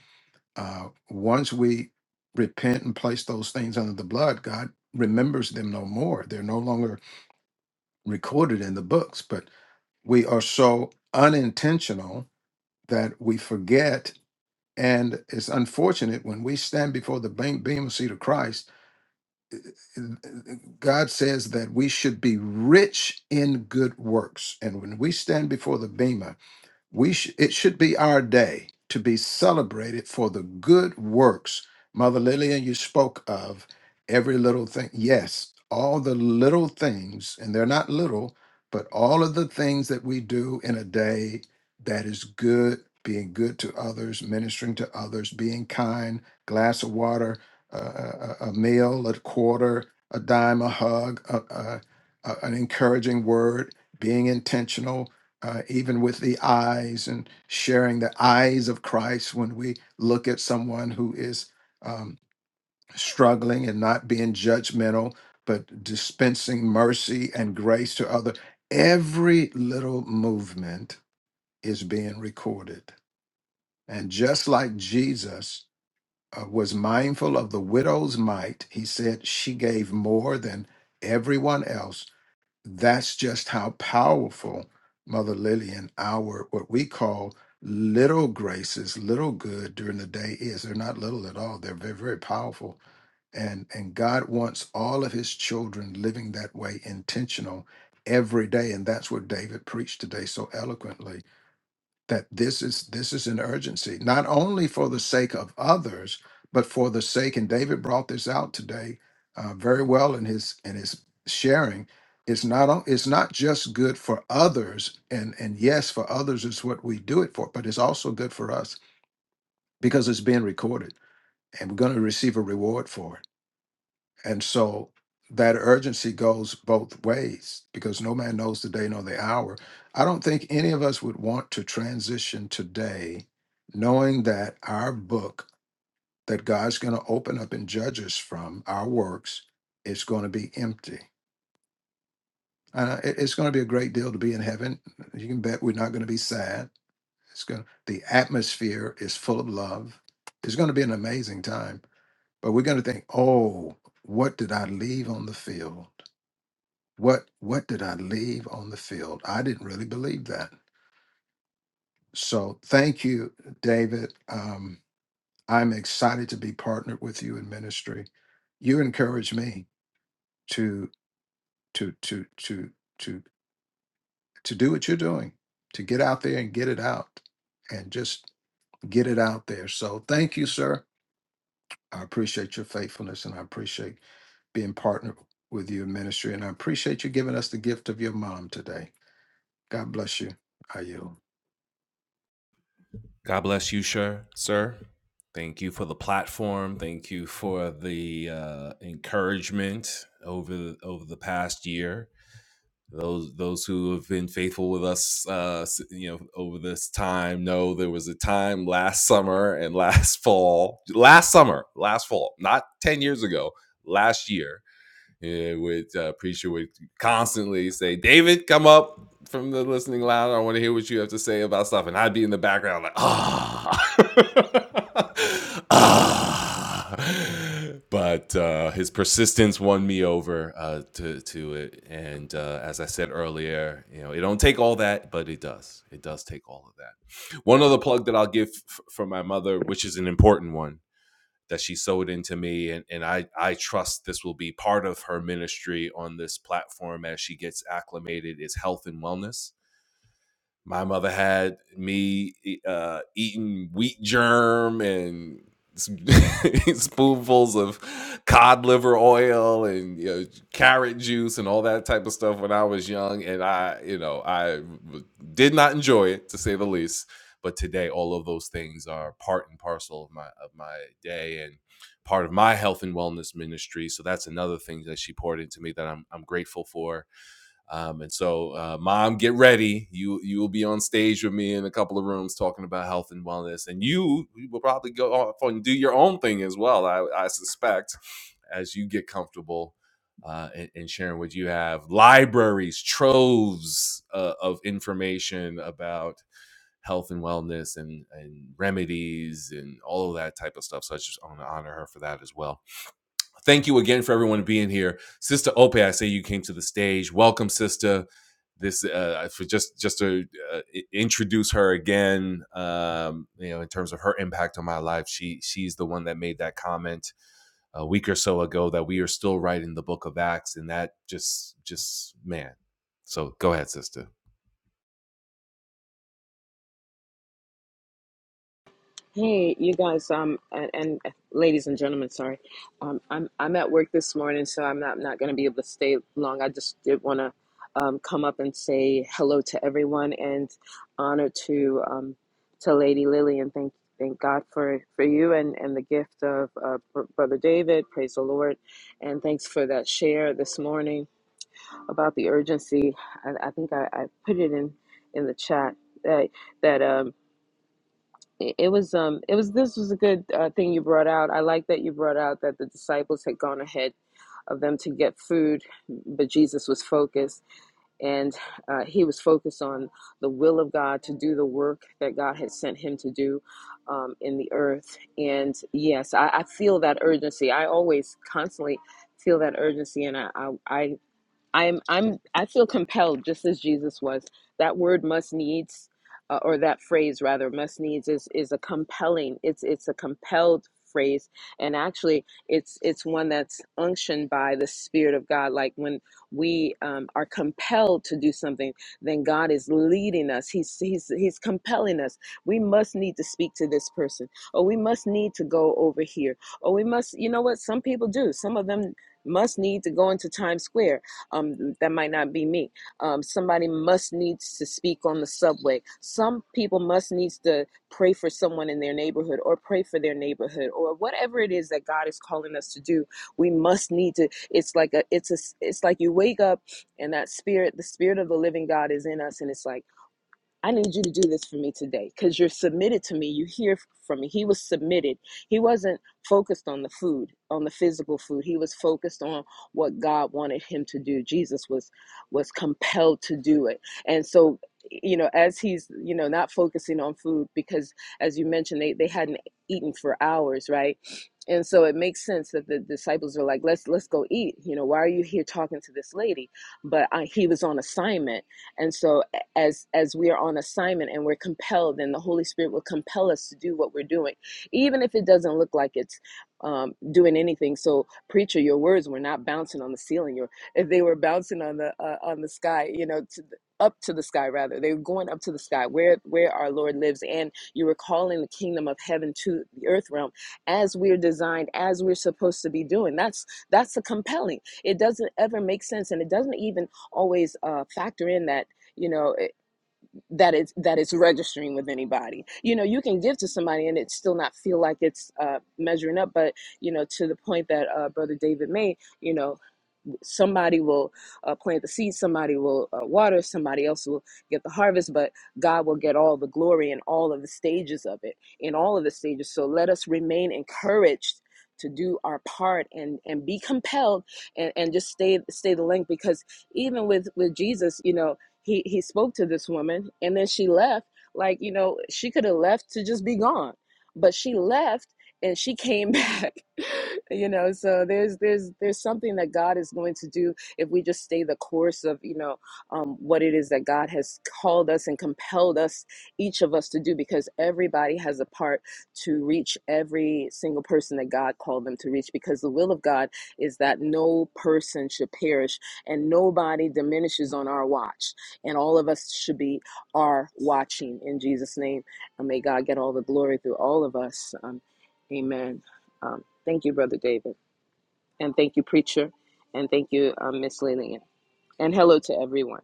S3: uh, once we repent and place those things under the blood, God remembers them no more. They're no longer recorded in the books, but we are so unintentional that we forget. And it's unfortunate when we stand before the beam beam of seat of Christ, God says that we should be rich in good works. And when we stand before the Bema, We sh- it should be our day to be celebrated for the good works. Mother Lillian, you spoke of every little thing. Yes, all the little things, and they're not little, but all of the things that we do in a day that is good, being good to others, ministering to others, being kind, glass of water, uh, a, a a meal, a quarter, a dime, a hug, a, a, a- an encouraging word, being intentional uh, even with the eyes and sharing the eyes of Christ when we look at someone who is um, struggling and not being judgmental, but dispensing mercy and grace to other. Every little movement is being recorded. And just like Jesus uh, was mindful of the widow's mite, he said she gave more than everyone else that's just how powerful mother lillian our what we call little graces little good during the day is they're not little at all they're very very powerful and and god wants all of his children living that way intentional every day and that's what david preached today so eloquently that this is this is an urgency not only for the sake of others but for the sake and david brought this out today uh, very well in his in his sharing it's not on- it's not just good for others and and yes for others is what we do it for but it's also good for us because it's being recorded and we're going to receive a reward for it and so that urgency goes both ways because no man knows the day nor the hour. I don't think any of us would want to transition today knowing that our book that God's going to open up and judge us from, our works, is going to be empty. Uh, it- it's going to be a great deal to be in heaven. You can bet we're not going to be sad. It's going the atmosphere is full of love. It's going to be an amazing time. But we're going to think, oh, what did I leave on the field? What what did I leave on the field? I didn't really believe that. So thank you, David. Um, I'm excited to be partnered with you in ministry. You encourage me to to to to to to do what you're doing, to get out there and get it out, and just get it out there. So thank you, sir. I appreciate your faithfulness, and I appreciate being partnered with you in ministry. And I appreciate you giving us the gift of your mom today. God bless you. I yield.
S1: God bless you, sir. Sir, thank you for the platform. Thank you for the uh, encouragement over over the past year. those those who have been faithful with us uh you know over this time know there was a time last summer and last fall last summer last fall not 10 years ago last year yeah, which uh, preacher would constantly say, "David, come up from the listening lounge. I want to hear what you have to say about stuff." And I'd be in the background like, ah, ah. But uh, his persistence won me over uh, to to it. And uh, as I said earlier, you know, it don't take all that, but it does. It does take all of that. One other plug that I'll give f- for my mother, which is an important one that she sewed into me and, and I, I trust this will be part of her ministry on this platform as she gets acclimated is health and wellness my mother had me e, uh, eating wheat germ and some spoonfuls of cod liver oil and you know, carrot juice and all that type of stuff when I was young, and I, you know, I did not enjoy it to say the least. But today, all of those things are part and parcel of my of my day and part of my health and wellness ministry. So that's another thing that she poured into me that I'm I'm grateful for um, and so, uh, mom, get ready. You you will be on stage with me in a couple of rooms talking about health and wellness, and you, you will probably go off and do your own thing as well. I, I suspect as you get comfortable uh, and, and sharing what you have, libraries, troves uh, of information about health and wellness and and remedies and all of that type of stuff. So I just want to honor her for that as well. Thank you again for everyone being here. Sister Ope, I say you came to the stage. Welcome, sister. This uh, for just just to uh, introduce her again, um, you know, in terms of her impact on my life, she she's the one that made that comment a week or so ago that we are still writing the book of Acts, and that just just man. So go ahead, sister.
S6: Hey, you guys, um, and, and ladies and gentlemen, sorry, um, I'm I'm at work this morning, so I'm not not going to be able to stay long. I just did want to um, come up and say hello to everyone and honor to um, to Lady Lily and thank thank God for for you and and the gift of uh, Br- Brother David. Praise the Lord, and thanks for that share this morning about the urgency. I, I think I, I put it in in the chat that that um it it was um it was this was a good uh, thing you brought out i like that you brought out that the disciples had gone ahead of them to get food but jesus was focused and uh, he was focused on the will of god to do the work that god had sent him to do um, in the earth and yes I, I feel that urgency i always constantly feel that urgency and I, I, I I'm I'm I feel compelled just as Jesus was. That word must needs uh, or that phrase rather must needs is is a compelling it's it's a compelled phrase and actually it's it's one that's unctioned by the spirit of God like when we um, are compelled to do something then God is leading us he's he's he's compelling us we must need to speak to this person or we must need to go over here or we must you know what some people do some of them must need to go into Times Square um, that might not be me. Um, somebody must needs to speak on the subway. Some people must needs to pray for someone in their neighborhood or pray for their neighborhood or whatever it is that God is calling us to do. We must need to. It's like a. It's a. It's like you wake up and that spirit, the spirit of the living God, is in us, and it's like I need you to do this for me today because you're submitted to me. You hear from me. He was submitted. He wasn't focused on the food, on the physical food. He was focused on what God wanted him to do. Jesus was was compelled to do it. And so, you know, as he's, you know, not focusing on food because as you mentioned, they, they hadn't eaten for hours, right? And so it makes sense that the disciples are like, let's let's go eat. You know, why are you here talking to this lady? But I, he was on assignment. And so as as we are on assignment and we're compelled then the holy spirit will compel us to do what we're doing even if it doesn't look like it's um, doing anything so preacher your words were not bouncing on the ceiling or if they were bouncing on the uh, on the sky you know to the, up to the sky rather they were going up to the sky where where our lord lives and you were calling the kingdom of heaven to the earth realm as we're designed as we're supposed to be doing that's that's the compelling it doesn't ever make sense and it doesn't even always uh, factor in that you know that it's that it's registering with anybody. You know, you can give to somebody and it still not feel like it's uh, measuring up. But you know, to the point that uh, Brother David made, you know somebody will uh, plant the seed somebody will uh, water somebody else will get the harvest but god will get all the glory in all of the stages of it in all of the stages so let us remain encouraged to do our part and and be compelled and, and just stay stay the length because even with with jesus you know he he spoke to this woman and then she left like you know she could have left to just be gone but she left and she came back you know so there's there's there's something that god is going to do if we just stay the course of you know um, what it is that god has called us and compelled us each of us to do because everybody has a part to reach every single person that god called them to reach because the will of god is that no person should perish and nobody diminishes on our watch and all of us should be are watching in jesus name and may god get all the glory through all of us Um, Amen. Um, thank you, Brother David. And thank you, Preacher. And thank you, um, Miss Lillian. And hello to everyone.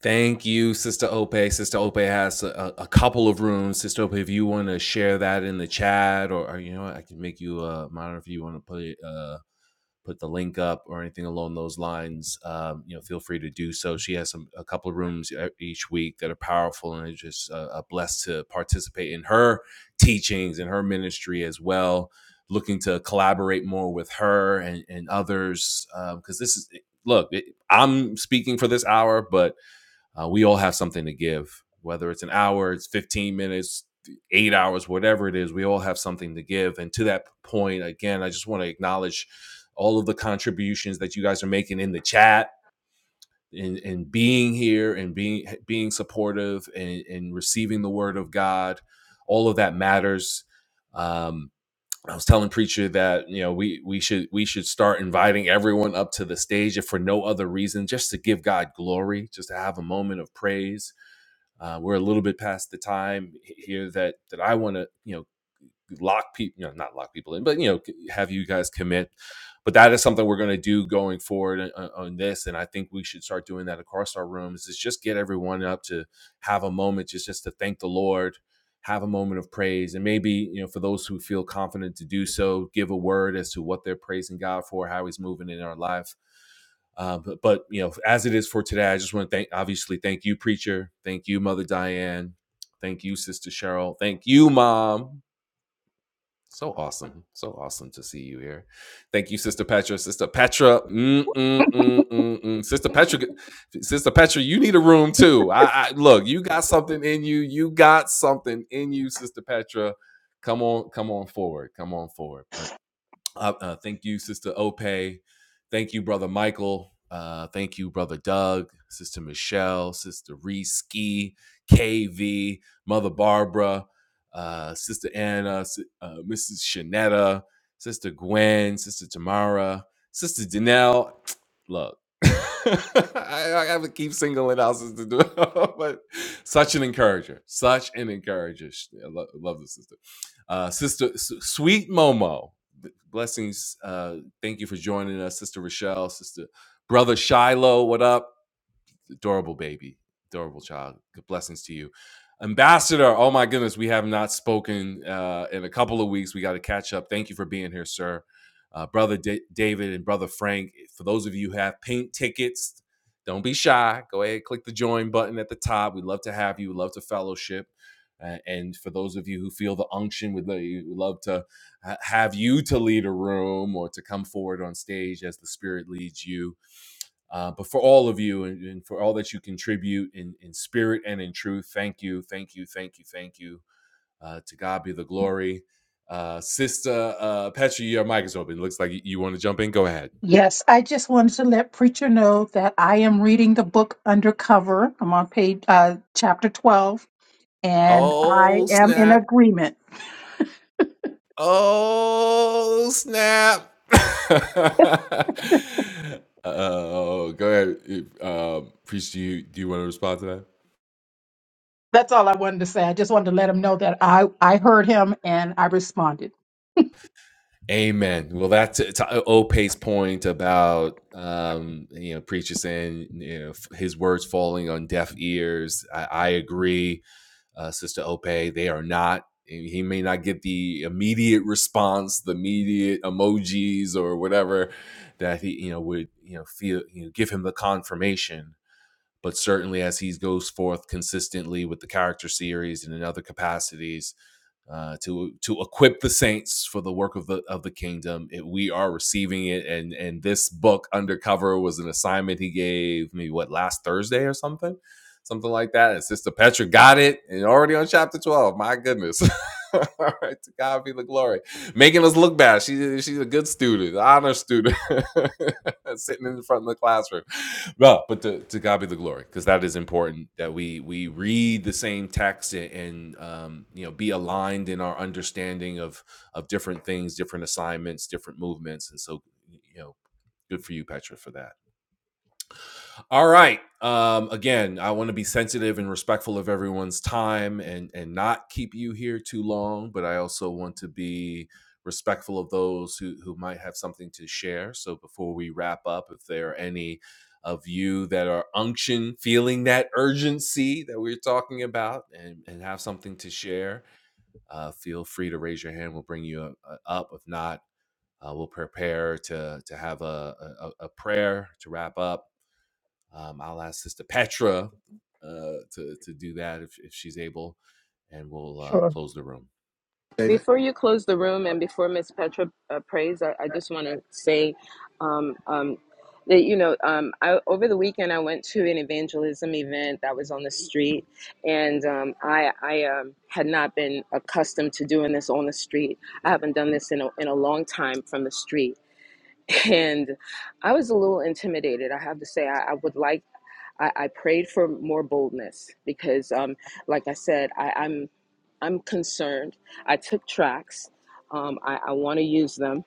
S1: Thank you, Sister Ope. Sister Ope has a, a couple of rooms. Sister Ope, if you want to share that in the chat, or, or you know, I can make you a monitor if you want to put it, uh, put the link up or anything along those lines. Um, you know, feel free to do so. She has some a couple of rooms e- each week that are powerful, and it's just uh, uh, blessed to participate in her teachings and her ministry as well. Looking to collaborate more with her and, and others because um, this is look. It, I'm speaking for this hour, but uh, we all have something to give, whether it's an hour, it's 15 minutes, eight hours, whatever it is, we all have something to give. And to that point, again, I just want to acknowledge all of the contributions that you guys are making in the chat and, and being here and being being supportive and, and receiving the word of God. All of that matters. Um, I was telling preacher that you know we we should we should start inviting everyone up to the stage if for no other reason just to give God glory, just to have a moment of praise uh, we're a little bit past the time here that that I want to you know lock people, you know, not lock people in, but you know, have you guys commit. But that is something we're going to do going forward on, on this, and I think we should start doing that across our rooms. Is just get everyone up to have a moment, just just to thank the Lord, have a moment of praise, and maybe you know, for those who feel confident to do so, give a word as to what they're praising God for, how He's moving in our life. Uh, but, but you know, as it is for today, I just want to thank, obviously, thank you, preacher, thank you, Mother Diane, thank you, Sister Cheryl, thank you, Mom, so awesome. So awesome to see you here. Thank you, Sister Petra. Sister Petra. Mm, mm, mm, mm, mm. Sister Petra. Sister Petra, you need a room too. I, I look, you got something in you. You got something in you, Sister Petra. Come on, come on forward. Come on forward. But uh, uh, thank you, Sister Ope. Thank you, Brother Michael. Uh, thank you, Brother Doug, Sister Michelle, Sister Reese, KV, Mother Barbara, uh, Sister Anna, si, uh, Mrs. Shanetta, Sister Gwen, Sister Tamara, Sister Danelle. Look, I, I have to keep singling out Sister Danelle, but such an encourager, such an encourager. Sh- I lo- love the sister. Uh, sister S- Sweet Momo blessings. Uh, thank you for joining us, Sister Rochelle, Sister Brother Shiloh. What up? adorable baby, adorable child. Good blessings to you. Ambassador, oh my goodness, we have not spoken uh, in a couple of weeks. We got to catch up. Thank you for being here, sir. Uh, brother Da- David and brother Frank, for those of you who have pink tickets, don't be shy. Go ahead, click the join button at the top. We'd love to have you. We'd love to fellowship. Uh, and for those of you who feel the unction, we'd, love to have you to lead a room or to come forward on stage as the Spirit leads you uh, but for all of you and, and for all that you contribute in, in spirit and in truth, thank you, thank you, thank you, thank you. Uh, to God be the glory. Uh, Sister uh, Petra, your mic is open. Looks like you, you want to jump in. Go ahead.
S4: Yes, I just wanted to let preacher know that I am reading the book Undercover. I'm on page uh, chapter 12, and I
S1: Oh,
S4: am in
S1: snap.
S4: agreement.
S1: Oh, snap. oh, go ahead. Uh, Priest, do you, do you want to respond to that?
S4: That's all I wanted to say. I just wanted to let him know that I I heard him and I responded.
S1: Amen. Well, that's to Ope's point about um, you know preachers saying you know his words falling on deaf ears. I, I agree, uh, Sister Ope. They are not. He may not get the immediate response, the immediate emojis or whatever that he you know would you know feel you know, give him the confirmation. But certainly, as he goes forth consistently with the character series and in other capacities, uh, to to equip the saints for the work of the of the kingdom. It, we are receiving it, and and this book undercover was an assignment he gave me what last Thursday or something, something like that. And Sister Petra got it, and already on chapter twelve. My goodness. All right, to God be the glory. Making us look bad. She, she's a good student, honor student, sitting in front of the classroom well, but to, to God be the glory, because that is important that we we read the same text and, and um, you know be aligned in our understanding of of different things, different assignments, different movements, and so you know, good for you, Petra, for that. All right. Um, again, I want to be sensitive and respectful of everyone's time and and not keep you here too long, but I also want to be respectful of those who who might have something to share. So before we wrap up, if there are any of you that are unction feeling that urgency that we are talking about and, and have something to share, uh, feel free to raise your hand. We'll bring you up. uh, up. If not, uh, we'll prepare to to have a, a a prayer to wrap up um, I'll ask Sister Petra uh, to to do that if if she's able, and we'll uh,
S4: Sure.
S1: close the room.
S3: David?
S6: Before you close the room and before Miss Petra uh, prays, I, I just want to say um, um, that, you know, um, I, over the weekend I went to an evangelism event that was on the street. And um, I, I um, had not been accustomed to doing this on the street. I haven't done this in a, in a long time from the street. And I was a little intimidated. I have to say, I, I would like I, I prayed for more boldness because, um, like I said, I, I'm I'm concerned. I took tracks. Um, I, I want to use them,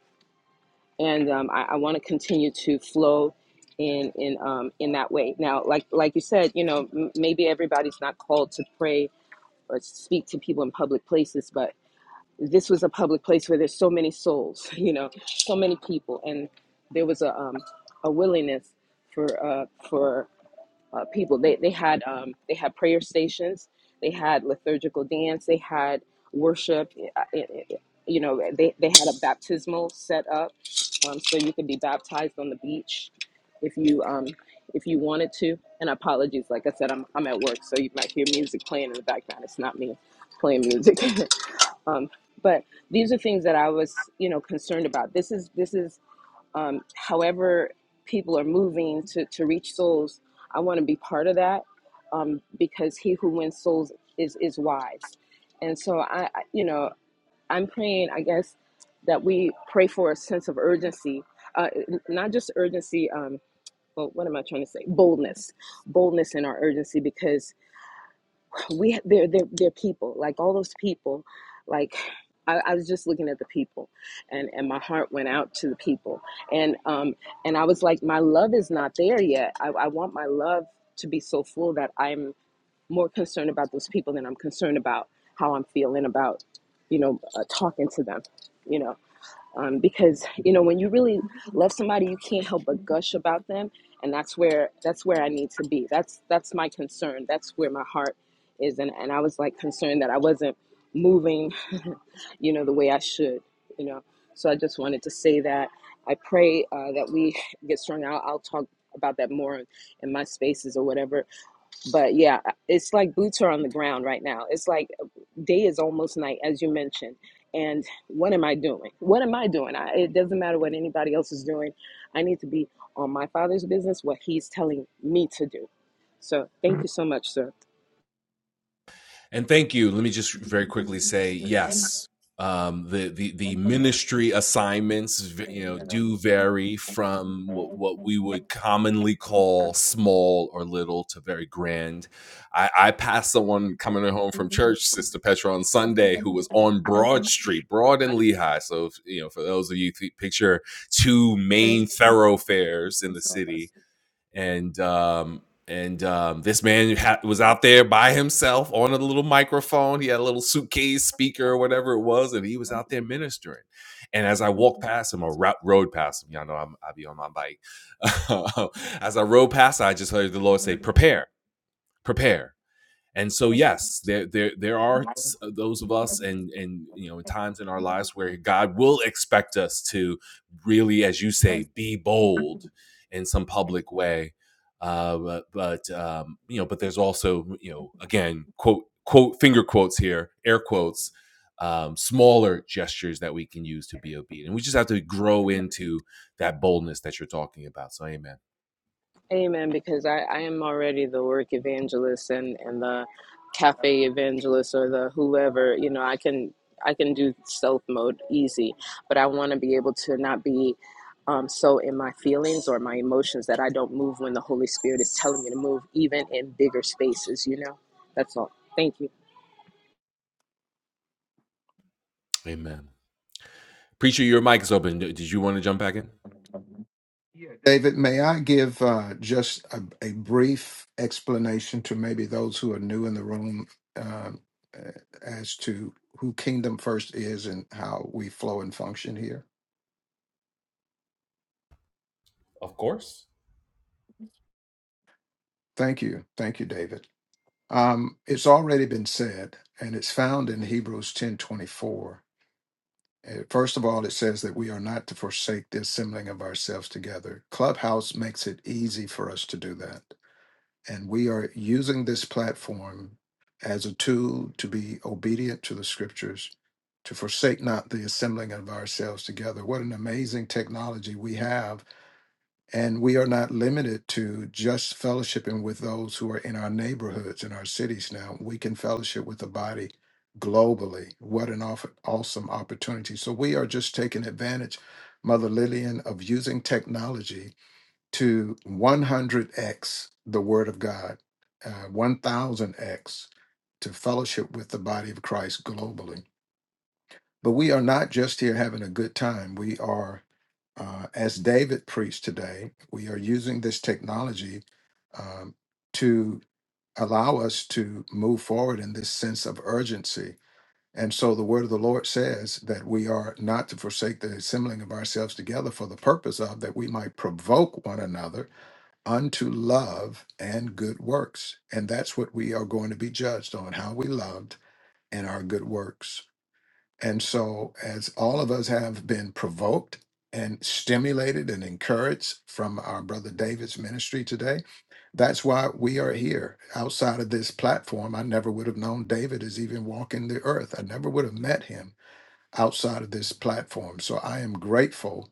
S6: and um, I, I want to continue to flow in in um, in that way. Now, like like you said, you know, m- maybe everybody's not called to pray or speak to people in public places, but this was a public place where there's so many souls, you know, so many people, and there was a um, a willingness for uh, for uh, people. They they had um, they had prayer stations, they had liturgical dance, they had worship. uh, it- it- You know, they they had a baptismal set up, um, so you could be baptized on the beach if you um, if you wanted to. And apologies, like I said, I'm I'm at work, so you might hear music playing in the background. It's not me playing music, um, but these are things that I was you know concerned about. This is this is um, however people are moving to, to reach souls, I want to be part of that um, because he who wins souls is, is wise. And so I, I- you know, I'm praying, I guess, that we pray for a sense of urgency, uh, n- not just urgency, um, well, what am I trying to say? Boldness, boldness in our urgency, because we they're they're, they're people like all those people like I, I was just looking at the people and and my heart went out to the people and um and i was like my love is not there yet i, I want my love to be so full that i'm more concerned about those people than i'm concerned about how i'm feeling about you know uh, talking to them you know um, because you know when you really love somebody you can't help but gush about them and that's where that's where i need to be that's that's my concern that's where my heart is and, and i was like concerned that i wasn't moving you know the way i should you know so i just wanted to say that i pray uh, that we get strong. I'll i'll talk about that more in in my spaces or whatever but yeah, it's like boots are on the ground right now. It's like day is almost night, as you mentioned. And what am I doing? What am I doing? I, it doesn't matter what anybody else is doing. I need to be on my father's business, what he's telling me to do. So thank you so much, sir.
S1: And thank you. Let me just very quickly say yes. Um, the, the the ministry assignments, you know, do vary from what, what we would commonly call small or little to very grand. I, I passed someone coming home from church, Sister Petra, on Sunday, who was on Broad Street, Broad and Lehigh. So, if, you know, for those of you th- picture two main thoroughfares in the city, and um, and um, this man ha- was out there by himself on a little microphone. He had a little suitcase speaker or whatever it was, and he was out there ministering. And as I walked past him or ro- rode past him, y'all know I'm, I be on my bike. as I rode past, I just heard the Lord say, "Prepare, prepare." And so, yes, there there there are those of us, and and you know, times in our lives where God will expect us to really, as you say, be bold in some public way. Uh, but but um, you know, but there's also you know, again, quote quote finger quotes here, air quotes, um, smaller gestures that we can use to be obedient. We just have to grow into that boldness that you're talking about. So, amen,
S6: Amen, because I, I am already the work evangelist and, and the cafe evangelist or the whoever, you know, I can I can do stealth mode easy, but I want to be able to not be um, so in my feelings or my emotions that I don't move when the Holy Spirit is telling me to move, even in bigger spaces, you know? That's all. Thank you.
S1: amen. Preacher, your mic is open. Did you want to jump back in?
S3: David, may I give uh, just a, a brief explanation to maybe those who are new in the room um, uh, as to who Kingdom First is and how we flow and function here?
S1: Of course.
S3: Thank you. Thank you, David. Um, it's already been said, and it's found in Hebrews 10 24. First of all, it says that we are not to forsake the assembling of ourselves together. Clubhouse makes it easy for us to do that And we are using this platform as a tool to be obedient to the scriptures, to forsake not the assembling of ourselves together. What an amazing technology we have. And we are not limited to just fellowshipping with those who are in our neighborhoods, in our cities now. We can fellowship with the body globally. What an aw- awesome opportunity. So we are just taking advantage, Mother Lillian, of using technology to 100x the Word of God, uh, 1000x to fellowship with the body of Christ globally. But we are not just here having a good time. We are, uh, as David preached today, we are using this technology um, to allow us to move forward in this sense of urgency. And so the word of the Lord says that we are not to forsake the assembling of ourselves together for the purpose of that we might provoke one another unto love and good works. And that's what we are going to be judged on how we loved and our good works. And so, as all of us have been provoked and stimulated and encouraged from our brother David's ministry today, that's why we are here. Outside of this platform, I never would have known David is even walking the earth, I never would have met him outside of this platform. So I am grateful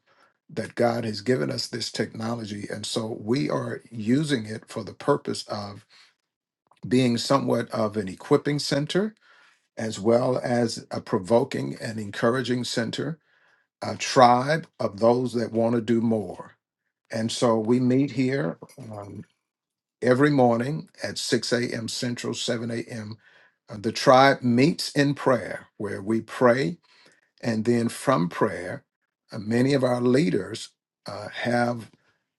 S3: that God has given us this technology. And so we are using it for the purpose of being somewhat of an equipping center, as well as a provoking and encouraging center, a tribe of those that want to do more. And so we meet here um, every morning at 6 a.m. Central, 7 a.m. Uh, The tribe meets in prayer, where we pray and then from prayer, uh, many of our leaders uh, have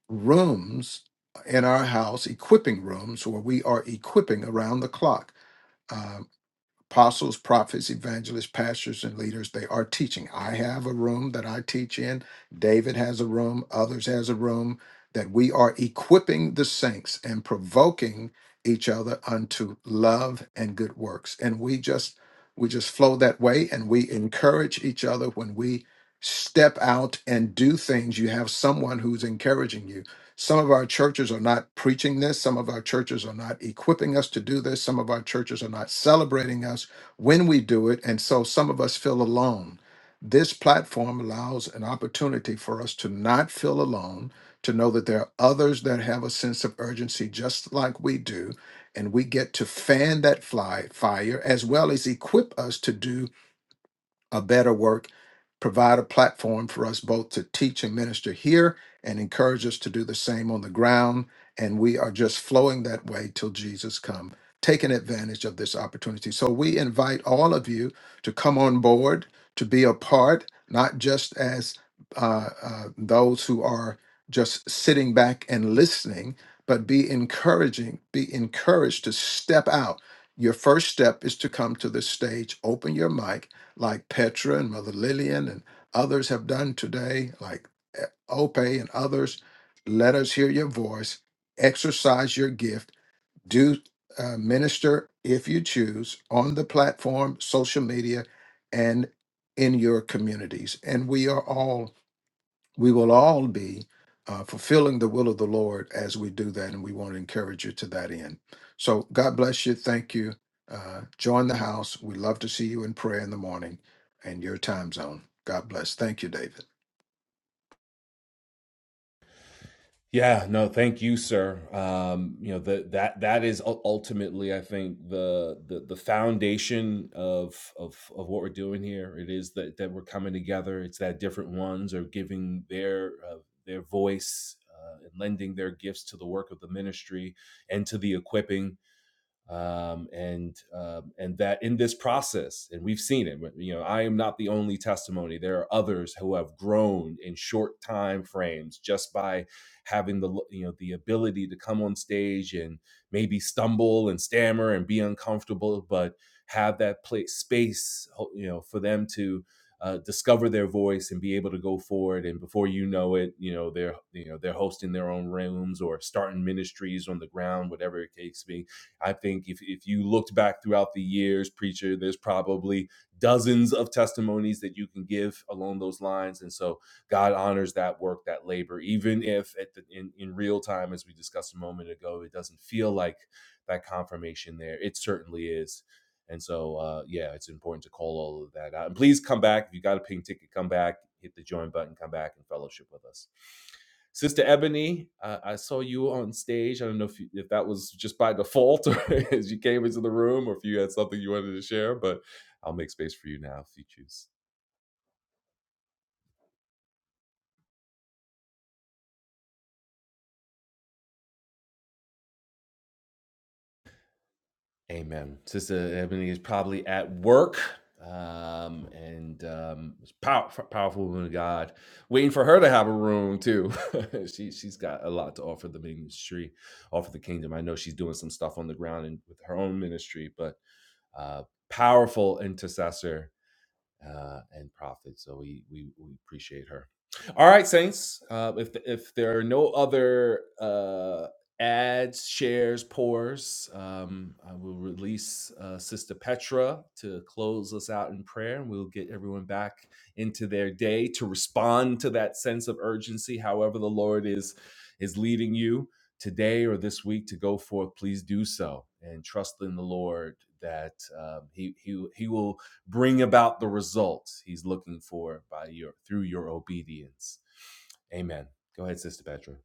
S3: rooms in our house, equipping rooms, where we are equipping around the clock. Uh, apostles, prophets, evangelists, pastors, and leaders, they are teaching. I have a room that I teach in. David has a room. Others has a room that we are equipping the saints and provoking each other unto love and good works. And we just we just flow that way and we encourage each other when we step out and do things. You have someone who's encouraging you some of our churches are not preaching this. Some of our churches are not equipping us to do this. Some of our churches are not celebrating us when we do it. And so some of us feel alone. This platform allows an opportunity for us to not feel alone, to know that there are others that have a sense of urgency just like we do. And we get to fan that fly, fire as well as equip us to do a better work, provide a platform for us both to teach and minister here and encourage us to do the same on the ground. And we are just flowing that way till Jesus come, taking advantage of this opportunity. So we invite all of you to come on board, to be a part, not just as uh, uh, those who are just sitting back and listening, but be encouraging, be encouraged to step out. Your first step is to come to the stage, open your mic, like Petra and Mother Lillian and others have done today, like eh, Ope and others. Let us hear your voice, exercise your gift, do uh, minister if you choose on the platform, social media, and in your communities. And we are all we will all be uh, fulfilling the will of the Lord as we do that, and we want to encourage you to that end. So God bless you. Thank you. Uh, join the house. We love to see you in prayer in the morning and your time zone. God bless. Thank you, David.
S1: Yeah, no, thank you, sir. Um, you know, the, that that is ul- ultimately, I think, the the the foundation of of of what we're doing here. It is that that we're coming together. It's that different ones are giving their uh, their voice uh, and lending their gifts to the work of the ministry and to the equipping um, and um, and that in this process, and we've seen it. You know, I am not the only testimony. There are others who have grown in short time frames just by having the you know the ability to come on stage and maybe stumble and stammer and be uncomfortable, but have that place space, you know, for them to. Uh, discover their voice and be able to go forward and before you know it you know they're you know they're hosting their own rooms or starting ministries on the ground whatever the case be I think if, if you looked back throughout the years, preacher, there's probably dozens of testimonies that you can give along those lines. And so God honors that work, that labor, even if at the, in, in real time, as we discussed a moment ago, it doesn't feel like that confirmation there. It certainly is. And so, uh, yeah, it's important to call all of that out. And please come back. If you got a ping ticket, come back, hit the join button, come back and fellowship with us. Sister Ebony, uh, I saw you on stage. I don't know if, you, if that was just by default or as you came into the room or if you had something you wanted to share, but I'll make space for you now if you choose. Amen. Sister Ebony is probably at work um, and um, it's pow- powerful woman of God. Waiting for her to have a room too. she, she's got a lot to offer the ministry, offer the kingdom. I know she's doing some stuff on the ground and with her own ministry, but uh, powerful intercessor uh, and prophet. So we, we we appreciate her. All right, saints. Uh, if if there are no other uh, ads, shares, pours, um, I will release uh, Sister Petra to close us out in prayer, and we'll get everyone back into their day to respond to that sense of urgency. However, the Lord is is leading you today or this week to go forth. Please do so and trust in the Lord that um, he he he will bring about the results he's looking for by your through your obedience. Amen. Go ahead, Sister Petra.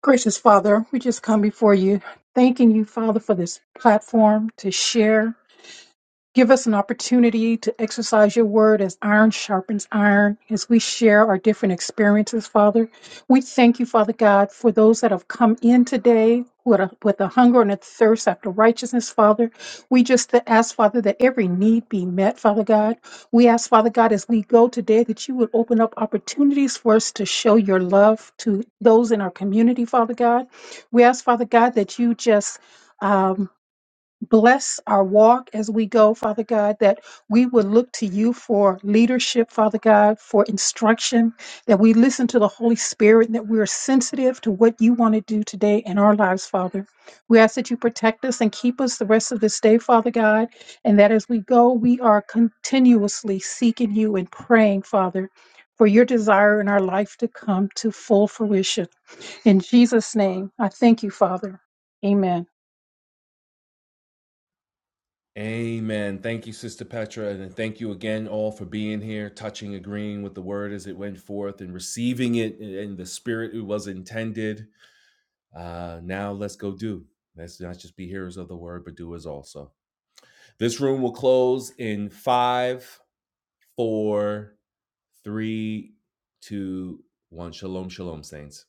S4: Gracious Father, we just come before you, thanking you, Father, for this platform to share Give us an opportunity to exercise your word as iron sharpens iron, as we share our different experiences, Father. We thank you, Father God, for those that have come in today with a, with a hunger and a thirst after righteousness, Father. We just ask, Father, that every need be met, Father God. We ask, Father God, as we go today, that you would open up opportunities for us to show your love to those in our community, Father God. We ask, Father God, that you just. Um, bless our walk as we go, Father God, that we would look to you for leadership, Father God, for instruction, that we listen to the Holy Spirit, and that we are sensitive to what you want to do today in our lives, Father. We ask that you protect us and keep us the rest of this day, Father God, and that as we go, we are continuously seeking you and praying, Father, for your desire in our life to come to full fruition. In Jesus' name, I thank you, Father. Amen.
S1: Amen. Thank you, Sister Petra. And thank you again all for being here, touching, agreeing with the word as it went forth and receiving it in the spirit it was intended. Uh, now let's go do. Let's not just be hearers of the word, but doers also. This room will close in five, four, three, two, one. Shalom, shalom, saints.